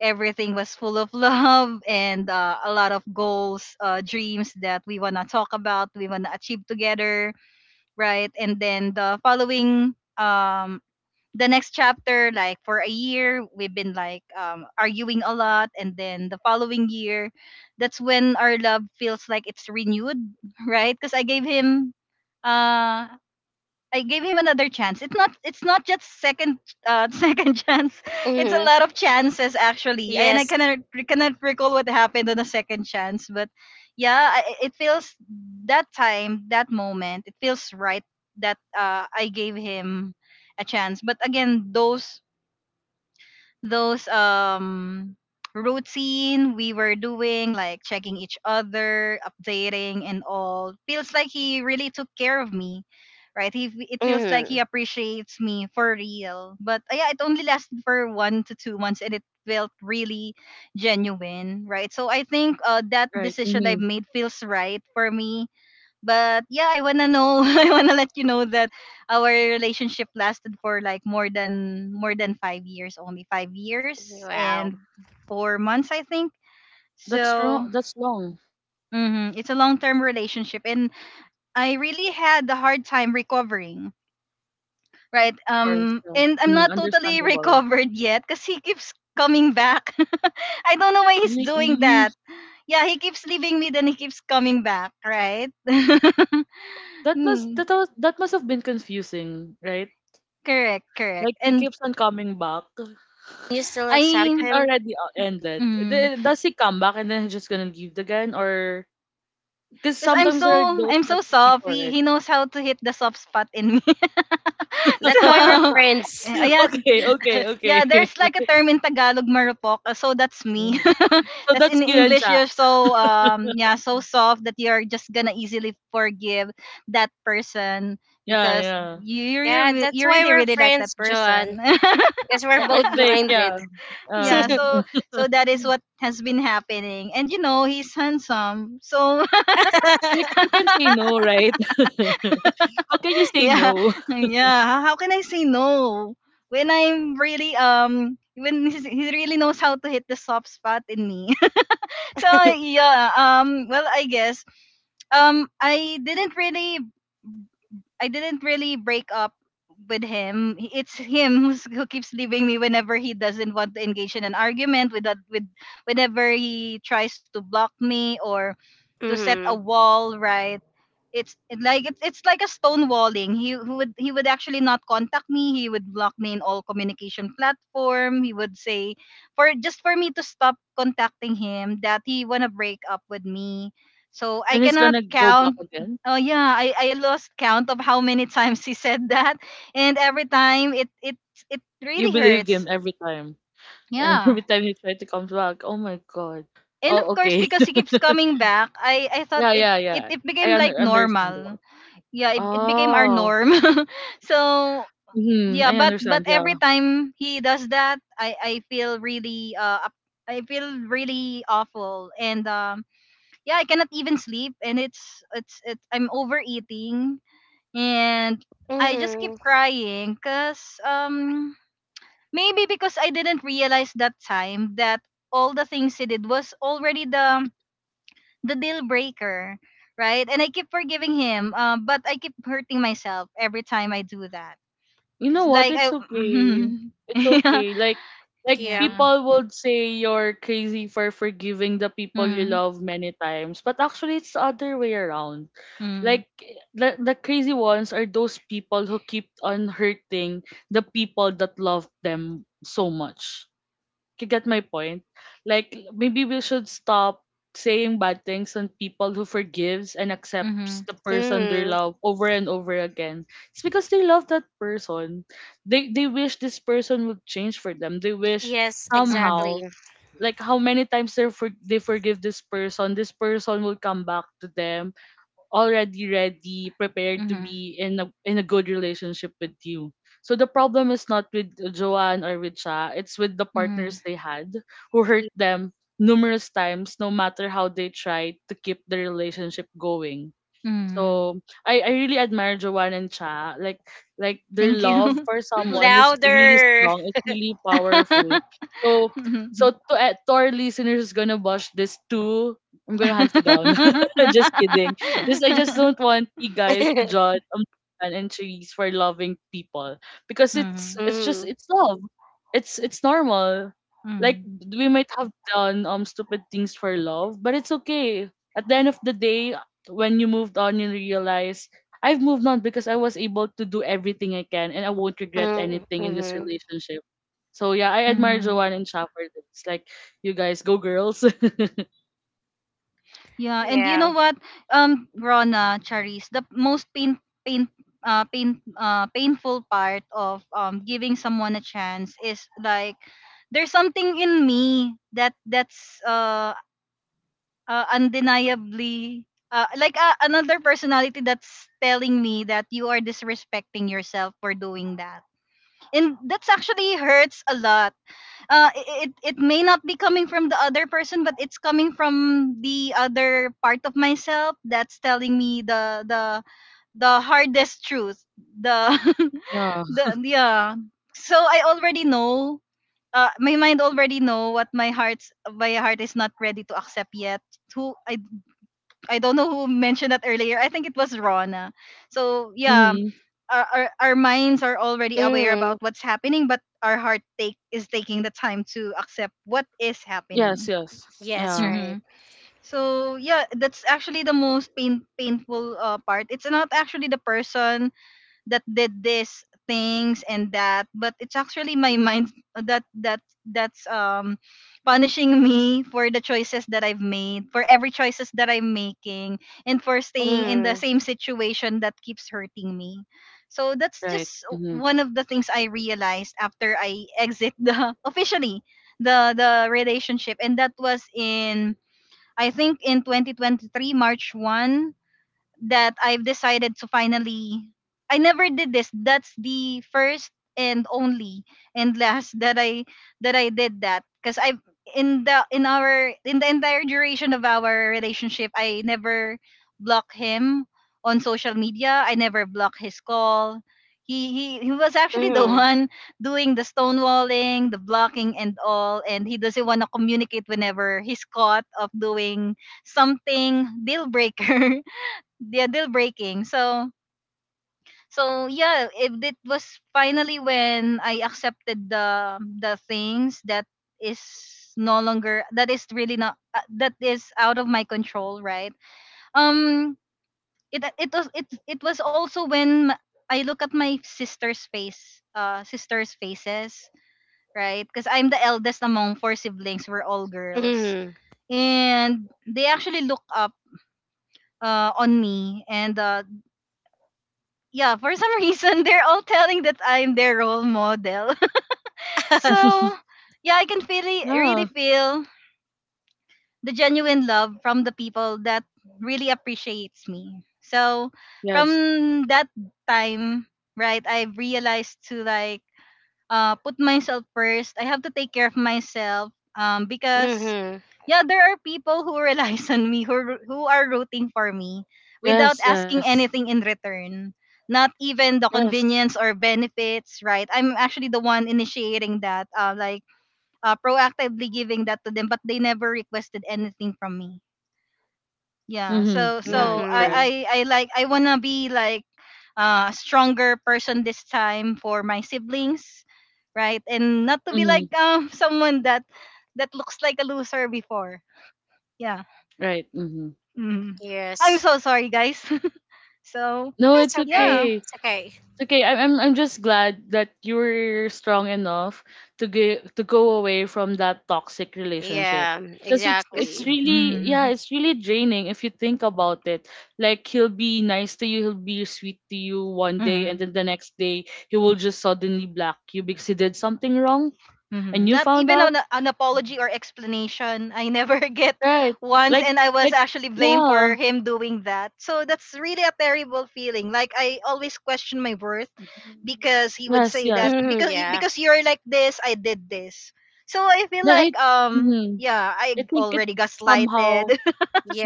S1: Everything was full of love and uh, a lot of goals, uh, dreams that we want to talk about, we want to achieve together, right? And then the following um the next chapter, like for a year, we've been like um arguing a lot, and then the following year, that's when our love feels like it's renewed, right? Because I gave him uh I gave him another chance. It's not it's not just second uh, second chance. It's a
S3: Mhm.
S1: lot of chances actually. I- And I
S3: Yes.
S1: cannot cannot recall what happened on the second chance, but yeah, I, it feels that time, that moment, it feels right that uh, I gave him a chance. But again, those those um routine we were doing like checking each other, updating and all feels like he really took care of me, right? he It feels like he
S3: Mhm.
S1: appreciates me for real, but uh, yeah, it only lasted for one to two months, and it felt really genuine, right? So I think uh, that
S2: Right.
S1: decision I've
S2: Mm-hmm.
S1: made feels right for me. But yeah, I wanna know. I wanna let you know that our relationship lasted for like more than more than five years, only five years
S3: Wow.
S1: and four months, I think.
S2: That's
S1: So
S2: wrong. That's wrong.
S1: mhm, it's a long-term relationship, and I really had a hard time recovering. Right.
S2: Of course.
S1: Um.
S2: Yeah.
S1: And I'm
S2: Mm,
S1: not totally
S2: understandable.
S1: recovered yet, cause he keeps coming back. I don't know why he's doing
S2: Really?
S1: that. Yeah, he keeps leaving me, then he keeps coming back. Right.
S2: That must
S1: Hmm.
S2: that was, that must have been confusing, right?
S1: Correct, correct.
S2: Like he
S1: And
S2: keeps on coming back.
S3: You still accept
S2: Like
S1: I
S2: it
S3: him?
S2: already o- ended. D- Does he come back and then he's just gonna leave again, or because
S1: because I'm
S2: sometimes there are
S1: so
S2: those
S1: I'm so
S2: types of
S1: soft.
S2: people,
S1: He
S2: right?
S1: he knows how to hit the soft spot in me.
S3: That's why we're
S1: So
S3: friends.
S1: eh, ah, yeah,
S2: Okay, okay,
S1: yeah,
S2: okay.
S1: there's like a term in Tagalog, marupok. uh, So that's me.
S2: Mm. So
S1: That's
S2: that's
S1: in
S2: you and
S1: English,
S2: chat.
S1: you're so um yeah, so soft that you're just gonna easily forgive that person
S2: Yeah,
S1: because
S2: yeah,
S1: you you
S3: Yeah,
S1: you
S3: that's
S1: you
S3: why
S1: really
S3: we're
S1: really like that
S3: friends, John.
S1: person.
S3: Because we're
S2: yeah. I
S3: both
S2: think yeah.
S3: blinded.
S1: Yeah,
S2: Uh,
S1: so so that is what has been happening. And you know, he's handsome. So
S2: like who can say no, right? How can you say
S1: yeah,
S2: no?
S1: yeah, how can I say no when I'm really um when he's, he really knows how to hit the soft spot in me? So yeah, um well, I guess um i didn't really I didn't really break up with him. He- it's him who's, who keeps leaving me whenever he doesn't want to engage in an argument with that with whenever he tries to block me or to set a
S3: Mhm.
S1: wall, right? it's it- like it's it's like a stonewalling. He would he would actually not contact me. He would block me in all communication platform. He would say for just for me to stop contacting him, that he wanna break up with me. So I
S2: Then he's
S1: cannot
S2: gonna go back
S1: count.
S2: again.
S1: Oh yeah, I, I lost count of how many times he said that, and every time it it it
S2: You
S1: really
S2: believed him
S1: hurts.
S2: every time.
S1: Yeah,
S2: Every time he tried to come back. Oh my god.
S1: and of
S2: Oh,
S1: course,
S2: okay.
S1: because he keeps coming back, I I thought
S2: Yeah,
S1: it
S2: yeah,
S1: it,
S2: yeah.
S1: it
S2: I
S1: became
S2: un-
S1: like
S2: understand. That.
S1: normal. Yeah, it, it became our
S2: Oh.
S1: norm. So
S2: Mhm,
S1: yeah,
S2: I
S1: but but
S2: understand,
S1: every
S2: yeah.
S1: time he does that, i i feel really uh up- I feel really awful. And um yeah, I cannot even sleep, and it's it's it I'm overeating, and I just
S3: Mhm.
S1: keep crying because um maybe because I didn't realize that time that all the things he did was already the the deal breaker, right? And I keep forgiving him, uh, but I keep hurting myself every time I do that.
S2: You
S1: 'Cause,
S2: know what?
S1: like
S2: It's
S1: I,
S2: okay. It's
S1: yeah,
S2: okay. Like like
S3: Yeah.
S1: yeah,
S2: people would say you're crazy for forgiving the people you
S1: mm,
S2: love many times, but actually it's the other way around.
S1: mm,
S2: Like the the crazy ones are those people who keep on hurting the people that love them so much. You get my point? Like maybe we should stop saying bad things on people who forgives and accepts
S1: mm,
S2: the person they
S3: Mhm.
S2: love over and over again. It's because they love that person. They they wish this person would change for them. They wish
S3: Yes,
S1: mm,
S2: somehow,
S3: exactly.
S2: like how many times they for, they forgive this person, this person will come back to them already ready, prepared to
S1: mm,
S2: be in a in a good relationship with you. So the problem is not with Joanne or with Cha, it's with the
S1: mm,
S2: partners they had who hurt them numerous times no matter how they tried to keep the relationship going.
S1: mm.
S2: So I, I really admire Joanne and Cha. Like like their
S1: Thank
S2: love
S1: you.
S2: for someone is really
S3: Louder.
S2: strong. It's really powerful. So so to, eh, to our listeners who's gonna watch this too, I'm gonna hunt you down. Just kidding. Just I just don't want you guys to judge um, Joanne and Cherise for loving people, because it's
S1: Mhm.
S2: it's
S3: Mhm.
S2: just
S3: Mhm.
S2: it's love. It's it's normal. Like
S1: Mhm.
S2: we might have done um stupid things for love, but it's okay. At the end of the day, when you moved on, you realize I've moved on because I was able to do everything I can and I won't regret anything in this
S3: Mhm.
S2: relationship. So yeah, I admire
S1: Mhm.
S2: Joanne and Shaffer. It's like you guys go girls.
S1: Yeah, and you know
S3: Yeah.
S1: what, um, Rona, Charis, the most pain, pain, uh, pain, uh, painful part of um giving someone a chance is like there's something in me that that's uh, uh undeniably uh like uh, another personality that's telling me that you are disrespecting yourself for doing that, and that's actually hurts a lot. Uh it, it it may not be coming from the other person, but it's coming from the other part of myself that's telling me the the the hardest truth, the
S2: Yeah.
S1: the yeah. So I already know, uh, my mind already know what my heart's my heart is not ready to accept yet. Who i I don't know who mentioned that earlier, I think it was Rona. So yeah,
S2: Mm-hmm.
S1: our, our, our minds are already aware
S3: Mhm.
S1: about what's happening, but our heart take is taking the time to accept what is
S2: Yes,
S1: happening.
S2: yes.
S3: Yes,
S2: Yeah.
S3: right.
S1: Mm-hmm. So yeah, that's actually the most pain, painful uh, part. It's not actually the person that did this things and that, but it's actually my mind that that that's um punishing me for the choices that I've made, for every choices that I'm making, and for staying in the
S3: Mhm.
S1: same situation that keeps hurting me. So that's
S2: Right.
S1: just
S2: Mm-hmm.
S1: one of the things I realized after I exit the officially the the relationship. And that was in I think in twenty twenty-three march one that I've decided to finally I never did this. That's the first and only and last that I that I did that, because I in the in our in the entire duration of our relationship, I never block him on social media. I never block his call. He, he, he was actually the
S3: Mhm.
S1: one doing the stonewalling, the blocking, and all. And he doesn't want to communicate whenever he's caught of doing something deal breaker. Yeah, deal breaking. So so yeah, it, it was finally when I accepted the the things that is no longer, that is really not uh, that is out of my control, right? Um it it was it it was also when m- I look at my sister's face, uh sister's faces, right? Cuz I'm the eldest among four siblings, we're all girls.
S3: Mhm.
S1: And they actually look up uh, on me, and uh, yeah, for some reason, they're all telling that I'm their role model. So yeah, I can feel it- really
S2: Yeah.
S1: feel the genuine love from the people that really appreciates me. So
S2: Yes.
S1: from that time, right, I've realized to like uh, put myself first. I have to take care of myself, um, because
S3: Mhm.
S1: yeah, there are people who relies on me, who ru- who are rooting for me without
S2: Yes.
S1: asking
S2: Yes.
S1: anything in return. Not even the
S2: Yes.
S1: convenience or benefits, right? I'm actually the one initiating that, uh, like uh, proactively giving that to them, but they never requested anything from me. Yeah,
S2: Mm-hmm.
S1: so
S2: Right.
S1: so i
S2: Correct.
S3: Mm-hmm.
S1: i, I like I wanna be like uh, a stronger person this time for my siblings, right? And not to be
S2: Mm-hmm.
S1: like um someone that that looks like a loser before. Yeah,
S2: Right. Mm-hmm.
S1: mm. I'm
S3: Yes.
S1: so sorry, guys. So
S2: No, it's
S3: It's okay.
S1: yeah,
S2: okay.
S3: It's okay.
S2: It's okay. I- I'm I'm just glad that you are strong enough to get to go away from that toxic relationship.
S3: Yeah,
S2: Cause it's
S1: because
S2: it's
S3: exactly.
S2: really yeah it's really draining if you think about it. Like he'll be nice to you, he'll be sweet to you one day, and then the next day he will just suddenly block you because he did something wrong
S1: hmm,
S2: and you
S1: not
S2: found
S1: even
S2: out.
S1: an, an apology or explanation. I never get
S2: Right?
S1: once,
S2: Like
S1: and I was
S2: like
S1: actually blamed
S2: yeah.
S1: for him doing that. So that's really a terrible feeling. Like, I always question my worth, because he would
S2: Yes,
S1: say
S2: yes.
S1: that
S3: Hmm,
S1: because y-
S3: yeah.
S1: because you're like this, I did this. So I feel
S2: Then I,
S1: like, um
S2: mhm,
S1: yeah,
S2: I
S1: I
S2: think it's
S1: already got
S2: somehow.
S1: slighted.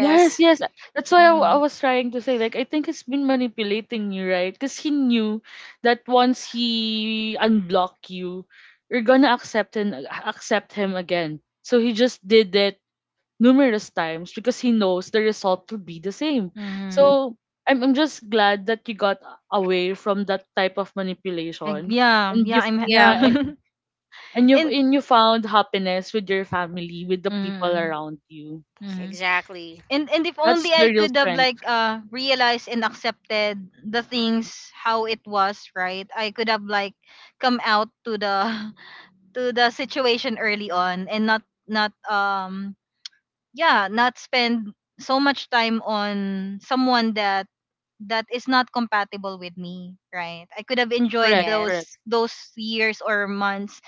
S2: Yes, yes. Uh, that's why I, w- I was trying to say, like, I think he's been manipulating you, right? Because he knew that once he unblock you, you're gonna accept and accept him again. So he just did it numerous times because he knows the result will be the same.
S1: Mm-hmm.
S2: So I'm I'm just glad that you got away from that type of manipulation,
S1: Yeah,
S2: and
S1: yeah,
S2: you
S1: I'm
S3: Yeah,
S2: yeah, and, and you
S1: and
S2: and you found happiness with your family, with the people around you.
S1: mm-hmm.
S3: exactly.
S1: and and if
S2: That's
S1: only
S2: the
S1: I
S2: real
S1: could have
S2: strength.
S1: like uh realized and accepted the things how it was, right? I could have like come out to the to the situation early on and not not um yeah, not spend so much time on someone that that is not compatible with me, right? I could have enjoyed
S2: Correct,
S1: those
S2: correct.
S3: Yes.
S1: those years or months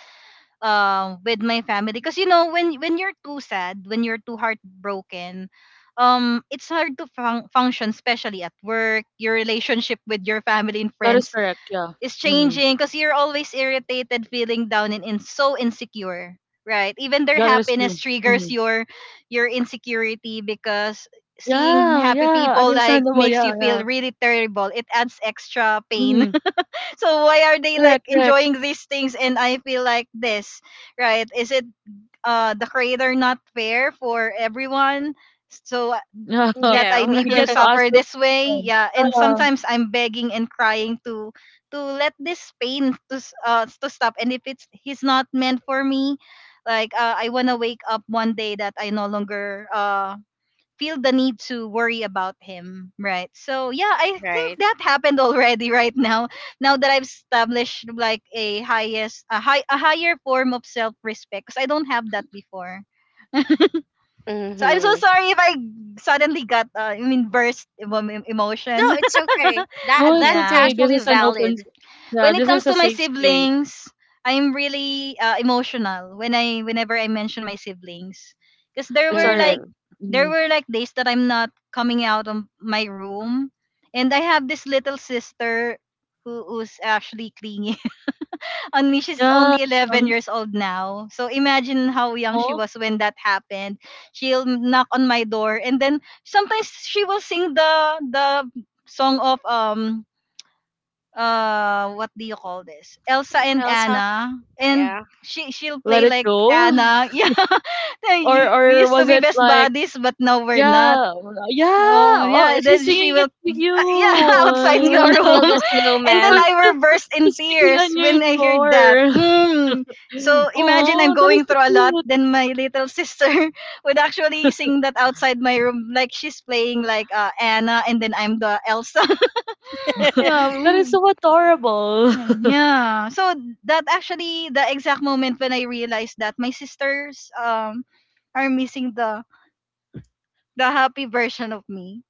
S1: um with my family. Because you know, when when you're too sad, when you're too heartbroken, um it's hard to fun- function, especially at work. Your relationship with your family and
S2: That is
S1: friends
S2: correct, yeah.
S1: is
S2: Mhm.
S1: changing because you're always irritated, feeling down, and, and so insecure, right? Even their
S2: Yeah, that is
S1: happiness
S2: true.
S1: triggers
S2: Mhm.
S1: your your insecurity, because seeing
S2: Yeah,
S1: happy
S2: yeah,
S1: people like
S2: understandable,
S1: makes
S2: yeah,
S1: you
S2: yeah.
S1: feel really terrible. It adds extra
S2: Mhm.
S1: pain. So why are they
S2: Correct,
S1: like
S2: correct.
S1: enjoying these things and I feel like this, right? Is it uh the creator not fair for everyone? So uh,
S2: Yeah.
S1: that
S3: Yeah.
S1: I need
S2: You
S1: to
S2: get to ask
S1: suffer
S2: those
S1: this way,
S2: questions.
S1: yeah. And
S2: Yeah.
S1: sometimes I'm begging and crying to to let this pain to s- uh to stop. And if it's he's not meant for me, like uh, I wanna wake up one day that I no longer uh feel the need to worry about him, right? So yeah, I think
S3: Right.
S1: that happened already right now. Now that I've established like a highest a high a higher form of self-respect, because I don't have that before. So I'm so
S3: Mm-hmm.
S1: sorry if I suddenly got uh, I mean burst emo-
S3: No,
S1: emotion.
S3: it's okay. That
S2: No, it's
S3: that's
S2: okay.
S1: Yeah.
S2: This
S3: actually
S2: is an open s-
S3: valid.
S2: yeah,
S1: When it
S2: this
S1: comes
S2: is
S1: to
S2: a
S1: my
S2: safe space.
S1: siblings, I'm really uh, emotional when I whenever I mention my siblings, because there
S2: It's
S1: were like
S2: alright.
S3: Mm-hmm.
S1: there
S2: Mhm.
S1: were like days that I'm not coming out of my room, and I have this little sister who who's actually clingy on me. She's
S2: Yeah.
S1: only eleven
S2: Um,
S1: years old now, so imagine how young she
S2: oh,
S1: was when that happened. She'll knock on my door, and then sometimes she will sing the the song of um uh what do you call this? Elsa and
S3: Elsa,
S1: Anna, and
S3: yeah.
S1: she she'll
S2: let
S1: play
S2: it
S1: like
S2: go.
S1: Anna. Yeah. Then
S2: Or
S1: you, we
S2: or
S1: used to
S2: was
S1: be
S2: it
S1: best
S2: like
S1: buddies but now we're not.
S2: yeah, yeah.
S1: Oh
S2: Oh,
S1: yeah,
S2: she's
S1: then she
S2: singing it
S1: will
S2: to
S1: yeah
S2: you.
S1: outside
S3: Do you
S1: the
S3: want to
S1: room.
S3: build a
S1: And then
S3: snowman?
S1: I
S2: Just
S1: will burst in
S2: just picking on
S1: tears
S2: your
S1: when I hear that.
S2: door.
S1: Hmm. So imagine I'm
S2: Oh, that is
S1: going
S2: so
S1: through a lot,
S2: cute.
S1: then my little sister would actually sing that outside my room like she's playing like uh, Anna, and then I'm the Elsa. Yeah.
S2: That is
S1: Hmm.
S2: so adorable.
S1: Hmm, yeah. So that actually the exact moment when I realized that my sisters um are missing the the happy version of me.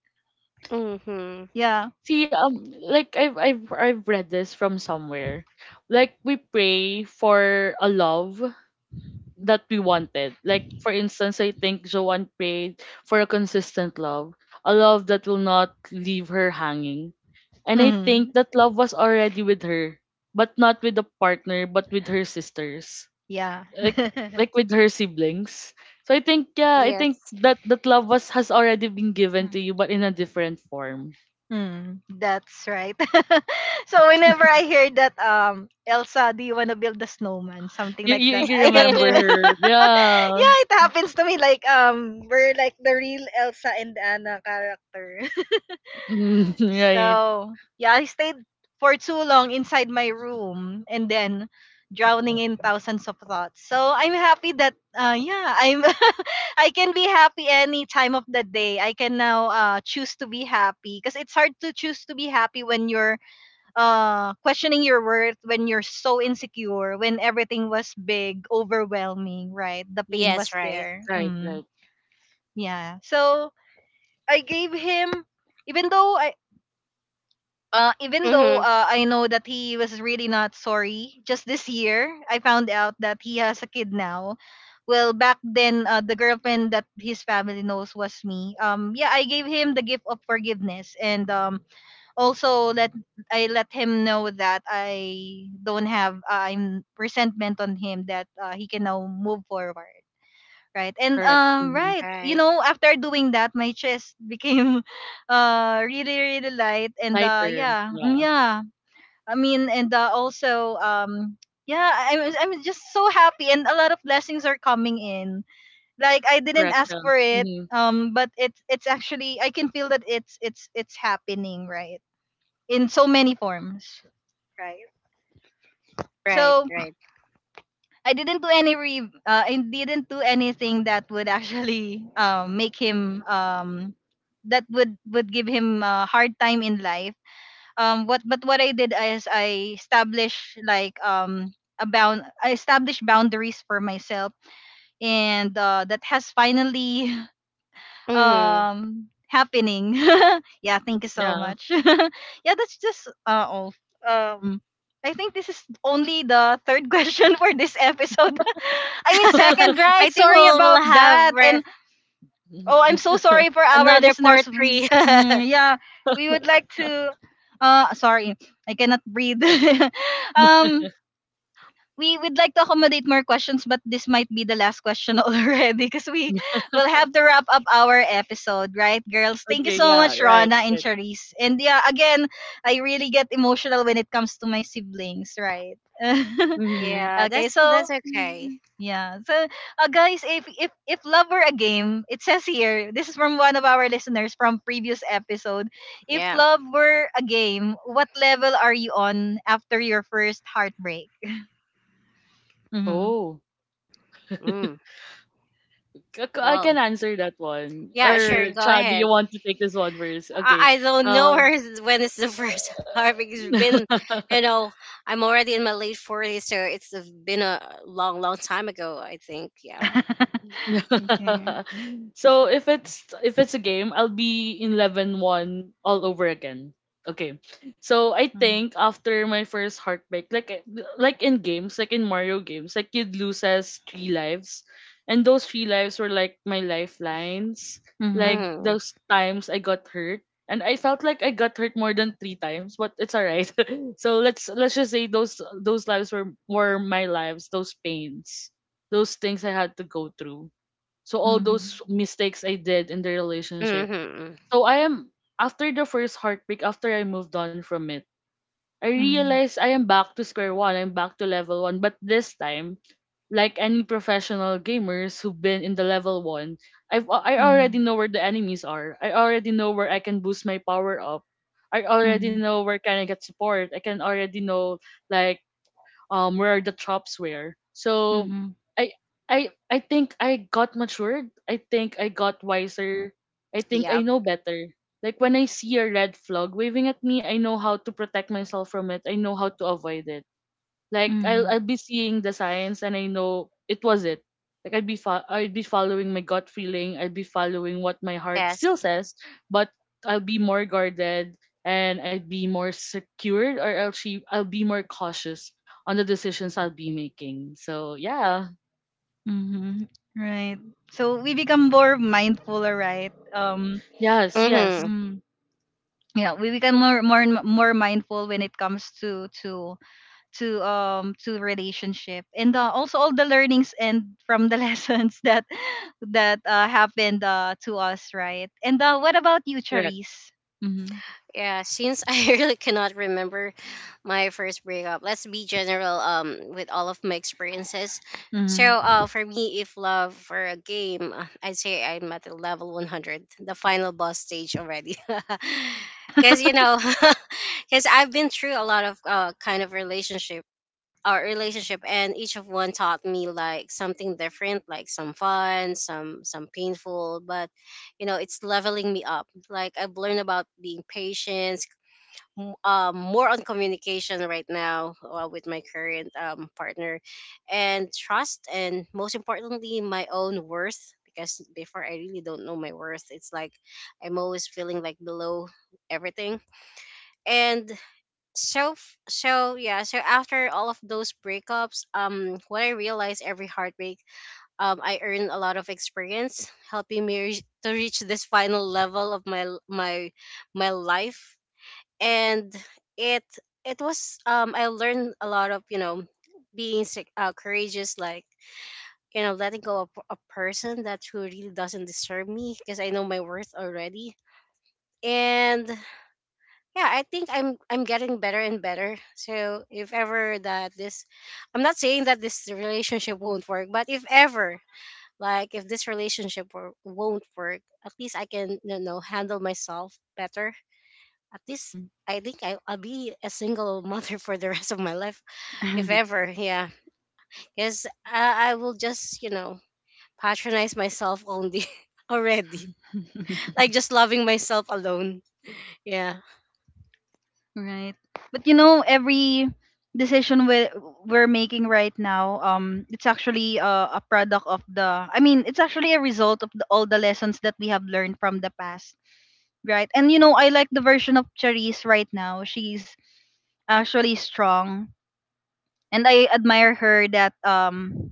S3: Mm-hmm.
S1: Yeah.
S2: See, um, like I've I've I've read this from somewhere. Like we pray for a love that we wanted. Like for instance, I think Joanne prayed for a consistent love, a love that will not leave her hanging. And I
S1: Mm.
S2: think that love was already with her, but not with a partner, but with her sisters.
S1: Yeah.
S2: like like with her siblings. So I think yeah, I think
S3: Yes.
S2: that that love was has already been given to you, but in a different form.
S1: Mm. That's right. So whenever I hear that um Elsa, do you wanna build a snowman? Something
S2: You
S1: like
S2: you,
S1: that.
S2: you
S1: I get to
S2: remember her, yeah.
S1: Yeah, it happens to me. Like um we're like the real Elsa and Anna character.
S2: Mm, right,
S1: So, yeah, I stayed for too long inside my room, and then drowning in thousands of thoughts. So, I'm happy that uh yeah, I'm I can be happy any time of the day. I can now uh choose to be happy because it's hard to choose to be happy when you're uh questioning your worth, when you're so insecure, when everything was big, overwhelming, right? The pain
S3: Yes,
S1: was
S3: right.
S1: there.
S2: right,
S1: Mm,
S2: right.
S1: yeah. So, I gave him, even though I uh, even though
S3: Mm-hmm.
S1: uh, I know that he was really not sorry. Just this year I found out that he has a kid now. Well, back then, uh, the girlfriend that his family knows was me. Um, yeah, I gave him the gift of forgiveness, and um, also let I let him know that I don't have uh, I'm resentment on him, that uh, he can now move forward. Right. And
S2: Correct.
S1: um
S2: Hmm.
S1: right, you
S3: Right,
S1: know, after doing that my chest became uh really really light, and uh
S2: Lighter,
S1: yeah, mm,
S2: yeah.
S1: yeah. I mean, and uh, also um yeah, I- I'm I'm just so happy, and a lot of blessings are coming in. Like I didn't
S2: Correct,
S1: ask
S2: yeah.
S1: for it,
S2: Hmm.
S1: um but it's it's actually I can feel that it's it's it's happening, right? In so many forms, right?
S3: right,
S1: So
S3: right.
S1: I didn't do any re uh, I didn't do anything that would actually um make him um that would would give him a hard time in life. Um what but what I did is I established like um a bound I established boundaries for myself, and uh, that has finally
S3: Mm-hmm.
S1: um happening. Yeah, thank you so
S2: Yeah.
S1: much. Yeah, that's just uh all um I think this is only the third question for this episode. I mean second,
S3: I
S1: right?
S3: think
S1: Sorry
S3: we'll
S1: about
S3: we'll have
S1: that.
S3: re-
S1: And oh, I'm so sorry for our
S3: another
S1: listeners.
S3: part
S1: Mm,
S3: three.
S1: mm, yeah, we would like to uh sorry, I cannot breathe. um we would like to accommodate more questions, but this might be the last question already, because we will have to wrap up our episode, right, girls? Thank you
S2: Okay,
S1: so
S2: yeah.
S1: much,
S2: Right,
S1: Rona and
S2: right.
S1: Charisse. And yeah, again, I really get emotional when it comes to my siblings, right?
S2: Hmm.
S3: Yeah,
S1: Okay,
S3: that's
S1: so
S3: that's okay.
S1: yeah, so uh, guys, if if if love were a game, it says here. This is from one of our listeners from previous episode. If
S3: Yeah.
S1: love were a game, what level are you on after your first heartbreak? Mhm.
S2: Oh.
S3: Mm,
S2: K- k- I
S3: well,
S2: can answer that one.
S3: yeah, sure.
S2: Or
S1: Okay.
S3: Go
S2: Chad, do
S3: ahead.
S2: you want to take this one first?
S3: I,
S2: Okay.
S3: I don't know where
S2: Um.
S3: is, when is the first harvest. It's been, you know, I'm already in my late forties, so it's been a long, long time ago. I think. Yeah.
S1: Okay.
S2: So if it's if it's a game, I'll be in eleven one all over again. Okay. So I
S1: Mm.
S2: think after my first heartbreak, like eh, like in games, like in Mario games, like you'd loses three lives. And those three lives were like my lifelines. Like
S1: Mhm.
S3: Mm-hmm,
S2: those times I got hurt. And I felt like I got hurt more than three times, but it's alright. So let's let's just say those those lives were were my lives, those pains, those things I had to go through. So all those
S1: Mhm.
S2: mistakes I did in the relationship.
S3: mm-hmm. Mm. Hmm.
S2: So I am after the first heartbreak, after I moved on from it, I
S1: Mhm.
S2: realized I am back to square one. I'm back to level one. But this time, like any professional gamers who've been in the level one, I've I already
S1: Mhm.
S2: know where the enemies are. I already know where I can boost my power up. I already
S1: Mhm.
S2: know where can I get support. I can already know like um where the chops were. So
S1: Mhm.
S2: I I I think I got matured. I think I got wiser. I think I
S3: Yep.
S2: know better. Like when I see a red flag waving at me, I know how to protect myself from it. I know how to avoid it. Like I'll
S1: Mhm.
S2: I'll be seeing the signs and I know it was it. Like I'd be fo- I'd be following my gut feeling. I'd be following what my heart
S3: Yes.
S2: still says, but I'll be more guarded and I'd be more secured, or I'll she I'll be more cautious on the decisions I'll be making. So yeah,
S1: Mhm. Right. So we become more mindful, right? Um.
S2: yes, yes,
S3: Mm-hmm.
S1: Mm. Yeah, we become more more and more mindful when it comes to to to um to relationship, and uh, also all the learnings and from the lessons that that uh, happened uh, to us, right? And uh, what about you,
S2: correct.
S1: Charisse? Mm-hmm.
S3: Yeah, since I really cannot remember my first breakup, let's be general um with all of my experiences. So
S1: Mm-hmm.
S3: uh for me if love for a game, uh, I'd say I'm at the level one hundred, the final boss stage already. Cuz you know, cuz I've been through a lot of uh, kind of relationship, our relationship, and each of one taught me like something different, like some fun, some some painful, but you know it's leveling me up, like I've learned about being patient, m- um, more on communication right now uh, with my current um, partner, and trust, and most importantly my own worth, because before I really don't know my worth, it's like I'm always feeling like below everything. And so f- so yeah, so after all of those breakups, um what I realized, every heartbreak um I earned a lot of experience helping me reach to reach this final level of my l- my my life. And it it was, um I learned a lot of you know being sig- uh, courageous, like you know letting go of a person that who really doesn't deserve me, because I know my worth already. And yeah, I think i'm I'm getting better and better. So if ever that this, I'm not saying that this relationship won't work, but if ever, like if this relationship wo- won't work, at least I can you know handle myself better, at least
S1: Mm-hmm.
S3: I think I, I'll be a single mother for the rest of my life, if ever, yeah, because I, I will just you know patronize myself only already, like just loving myself alone, yeah,
S1: Right. But you know, every decision we we're making right now, um, it's actually a, a product of the. I mean, it's actually a result of the, all the lessons that we have learned from the past, right? And you know, I like the version of Charisse right now. She's actually strong, and I admire her that um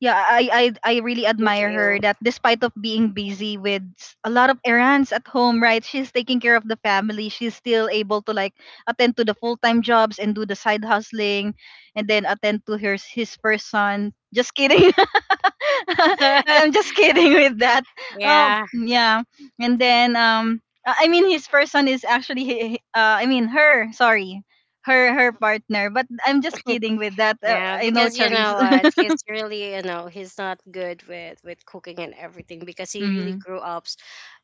S1: yeah I, I i really
S3: thank you.
S1: admire her that despite of being busy with s- a lot of errands at home, right, she's taking care of the family, she's still able to like attend to the full-time jobs and do the side hustling, and then attend to her s- his first son, just kidding. I'm just kidding with that. um
S3: Yeah.
S1: yeah. And then um i I mean his first son is actually he- he- uh, I mean her, sorry, her her partner, but I'm just kidding with that. uh,
S3: Yeah,
S1: I know
S3: because you
S1: Charisse.
S3: know what, he's really, you know, he's not good with with cooking and everything, because he really
S1: Hmm.
S3: grew up s-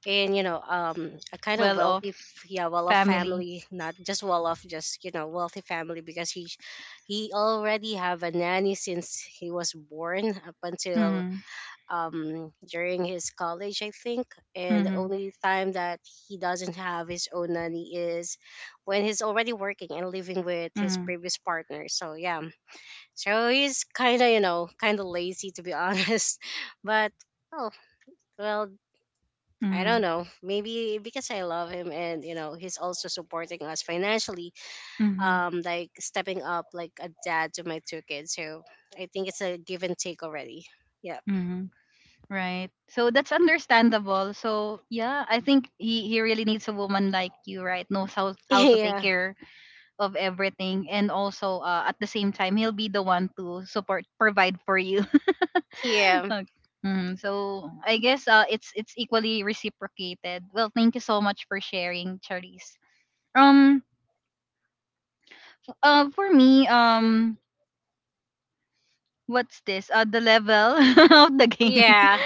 S3: in, you know, um, a kind of
S1: Well off
S3: wealthy, f- yeah, well-off
S1: family.
S3: family, not just well-off, just you know, wealthy family, because he he already have a nanny since he was born up until
S1: Mhm.
S3: um during his college, I think, and the
S1: Mhm.
S3: only time that he doesn't have his own nanny is when he's already working and living with his
S1: Mhm.
S3: previous partner. So yeah, so he's kind of, you know, kind of lazy to be honest. But oh, well, I don't
S1: Mhm.
S3: know. Maybe because I love him and, you know, he's also supporting us financially,
S1: Mhm.
S3: um like stepping up like a dad to my two kids. So I think it's a give and take already. Yeah.
S1: Mhm. Right. So that's understandable. So yeah, I think he, he really needs a woman like you, right? Knows how how to take
S3: Yeah.
S1: care of everything, and also uh, at the same time, he'll be the one to support, provide for you.
S3: Yeah.
S1: Okay. Mm, so I guess uh, it's it's equally reciprocated. Well, thank you so much for sharing, Charisse. Um, uh, for me, um, what's this? Uh, the level of the game.
S3: Yeah.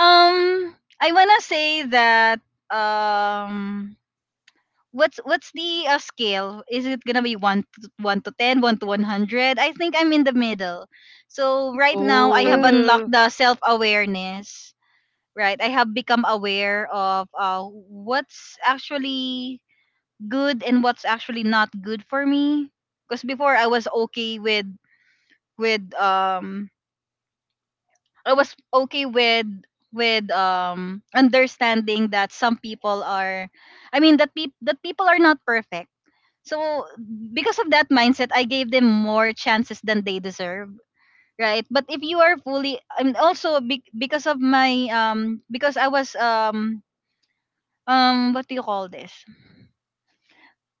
S1: Um, I wanna say that um, what's what's the uh, scale? Is it gonna be one to one to ten, one to one hundred? I think I'm in the middle. So right now I have
S2: Oh
S3: Mhm.
S1: unlocked the self awareness. Right, I have become aware of uh, what's actually good and what's actually not good for me. Because before I was okay with with um I was okay with with um understanding that some people are I mean that peop that people are not perfect. So because of that mindset, I gave them more chances than they deserve, right? But if you are fully and also be, because of my um because I was um um what do you call this?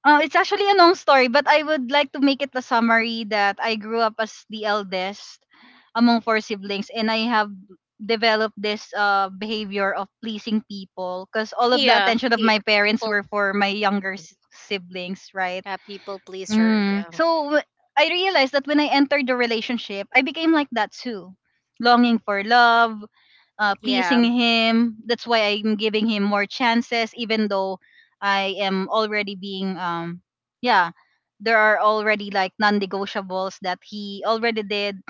S1: Uh, it's actually a long story, but I would like to make it a summary that I grew up as the eldest among four siblings, and I have developed this uh, behavior of pleasing people because all of the
S3: Yeah.
S1: attention of
S3: Pe-
S1: my parents
S3: people,
S1: were for my younger s- siblings, right?
S3: uh, people pleaser.
S1: Mm.
S3: Yeah.
S1: So w- I realized that when I entered the relationship, I became like that too, longing for love, uh,
S3: Yeah.
S1: pleasing him. That's why I'm giving him more chances, even though I am already being um yeah, there are already like non-negotiables that he already did.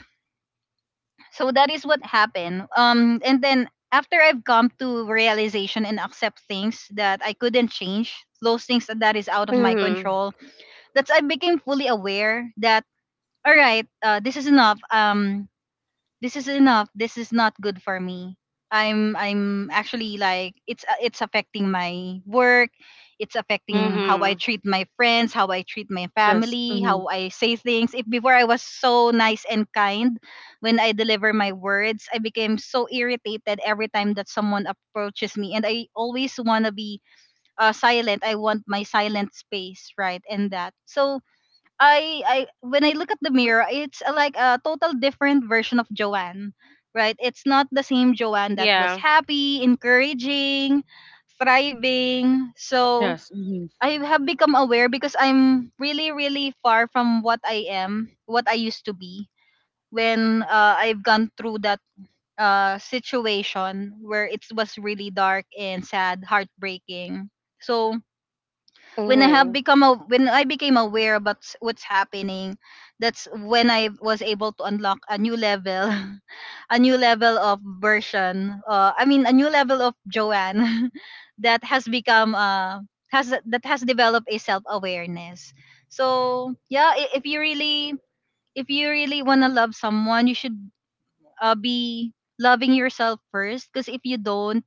S1: So that is what happened. Um, and then after I've come to realization and accept things that I couldn't change, those things that that is out of my
S3: Mhm.
S1: control, that's I became fully aware that all right, uh, this is enough. Um, this is enough. This is not good for me. I'm I'm actually like it's uh, it's affecting my work. It's affecting how I
S3: Mhm.
S1: treat my friends, how I treat my
S2: yes,
S1: family,
S2: mm-hmm.
S1: how I say things. If before I was so nice and kind when I deliver my words, I became so irritated every time that someone approaches me, and I always wanna be uh, silent. I want my silent space, right? And that so I I when I look at the mirror, it's a, like a total different version of Joanne, right? It's not the same Joanne that was
S3: Yeah.
S1: happy, encouraging, thriving. So
S2: Yes, mm-hmm.
S1: I have become aware because I'm really really far from what I am, what I used to be when uh, I've gone through that uh, situation where it was really dark and sad, heartbreaking. So when I have
S3: Mhm.
S1: become a, when I became aware about s- what's happening, that's when I was able to unlock a new level, a new level of version. Uh, I mean, a new level of Joanne that has become uh has that has developed a self awareness. So yeah, i- if you really if you really wanna love someone, you should uh, be loving yourself first. Because if you don't,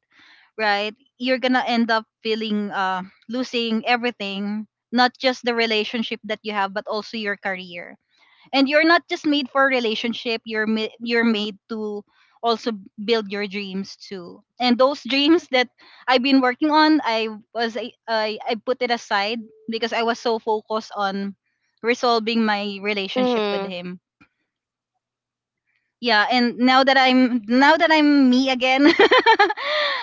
S1: right, you're gonna end up feeling uh losing everything, not just the relationship that you have but also your career. And you're not just made for a relationship, you're ma- you're made to also build your dreams too. And those dreams that I've been working on, i was I, I i put it aside because I was so focused on resolving my relationship with
S3: Mhm.
S1: him. Yeah. And now that i'm now that I'm me again, all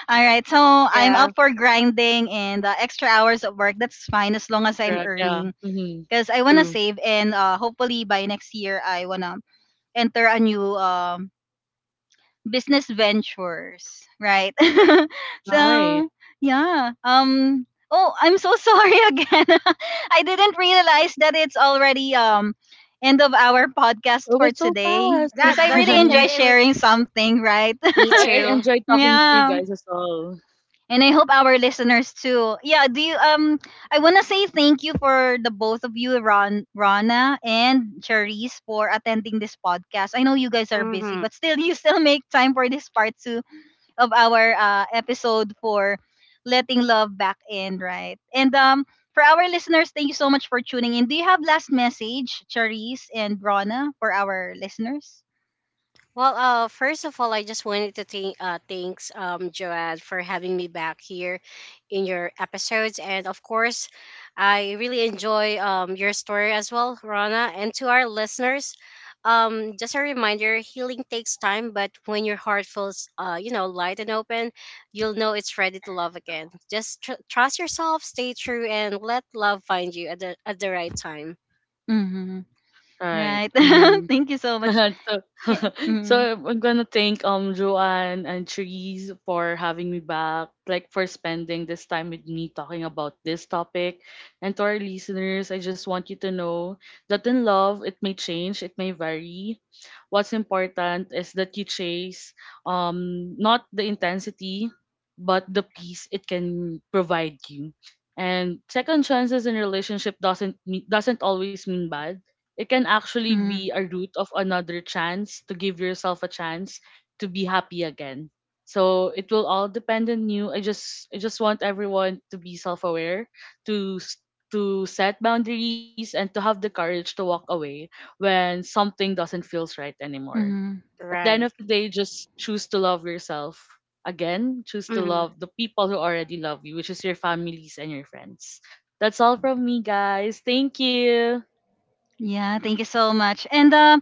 S1: right, so I'm
S3: Yeah.
S1: up for grinding and uh, extra hours of work, that's fine, as long as I'm
S2: Correct. Yeah,
S1: earning,
S2: mm-hmm.
S1: because I want to
S2: True.
S1: save and uh, hopefully by next year I want to enter a new um business ventures, right?
S2: Right.
S1: So yeah. Um, oh, I'm so sorry again. I didn't realize that it's already um end of our
S2: It
S1: podcast for
S2: was so
S1: today. Because
S3: That
S1: I
S3: that's
S1: really enjoy
S2: fast.
S3: okay. w-
S1: sharing something, right?
S3: Me
S2: I I
S3: too.
S2: enjoy talking to you
S1: Yeah.
S2: guys as well.
S1: And I hope our listeners too. Yeah, do you um I wanna say thank you for the both of you, Ron Rana and Cherise, for attending this podcast. I know you guys are busy,
S3: Hmm.
S1: but still you still make time for this part to of our uh, episode for letting love back in, right? And um, for our listeners, thank you so much for tuning in. Do you have last message, Charisse and Rona, for our listeners?
S3: Well, uh, first of all, I just wanted to thank uh, thanks um Joanne for having me back here in your episodes, and of course, I really enjoy um your story as well, Rana, and to our listeners. Um, just a reminder, healing takes time, but when your heart feels, uh, you know, light and open, you'll know it's ready to love again. Just tr- trust yourself, stay true, and let love find you at the at the right time.
S1: Mm-hmm.
S2: Right.
S1: Right.
S2: Mhm.
S1: Thank you so much.
S2: So,
S1: Yeah.
S2: so
S1: Mm,
S2: I'm gonna thank um Joanne and Therese for having me back, like for spending this time with me talking about this topic. And to our listeners, I just want you to know that in love it may change, it may vary. What's important is that you chase um not the intensity, but the peace it can provide you. And second chances in relationship doesn't mean, doesn't always mean bad. It can actually be
S1: mm,
S2: a route of another chance to give yourself a chance to be happy again. So it will all depend on you. I just i just want everyone to be self-aware, to s- to set boundaries and to have the courage to walk away when something doesn't feels right anymore.
S1: mm.
S2: At the end of
S3: Right.
S2: the day, just choose to love yourself again, choose to
S3: Mhm.
S2: love the people who already love you, which is your families and your friends. That's all from me guys, thank you.
S1: Yeah, thank you so much. And um,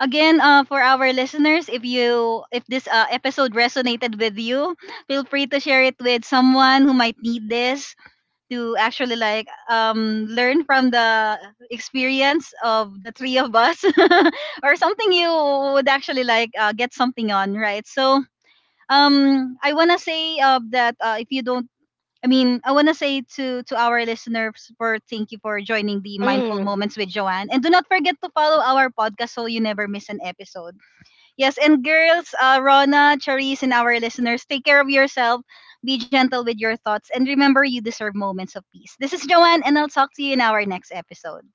S1: again, uh, for our listeners, if you if this uh, episode resonated with you, feel free to share it with someone who might need this, to actually like um learn from the experience of the three of us or something you would actually like uh, get something on, right? So um I want to say uh, that uh, if you don't i mean I want to say to to our listeners for thank you for joining the Mindful
S3: Mm.
S1: Moments with Joanne, and do not forget to follow our podcast so you never miss an episode. Yes, and girls, uh, Rona, Charisse, and our listeners, take care of yourself, be gentle with your thoughts, and remember you deserve moments of peace. This is Joanne, and I'll talk to you in our next episode.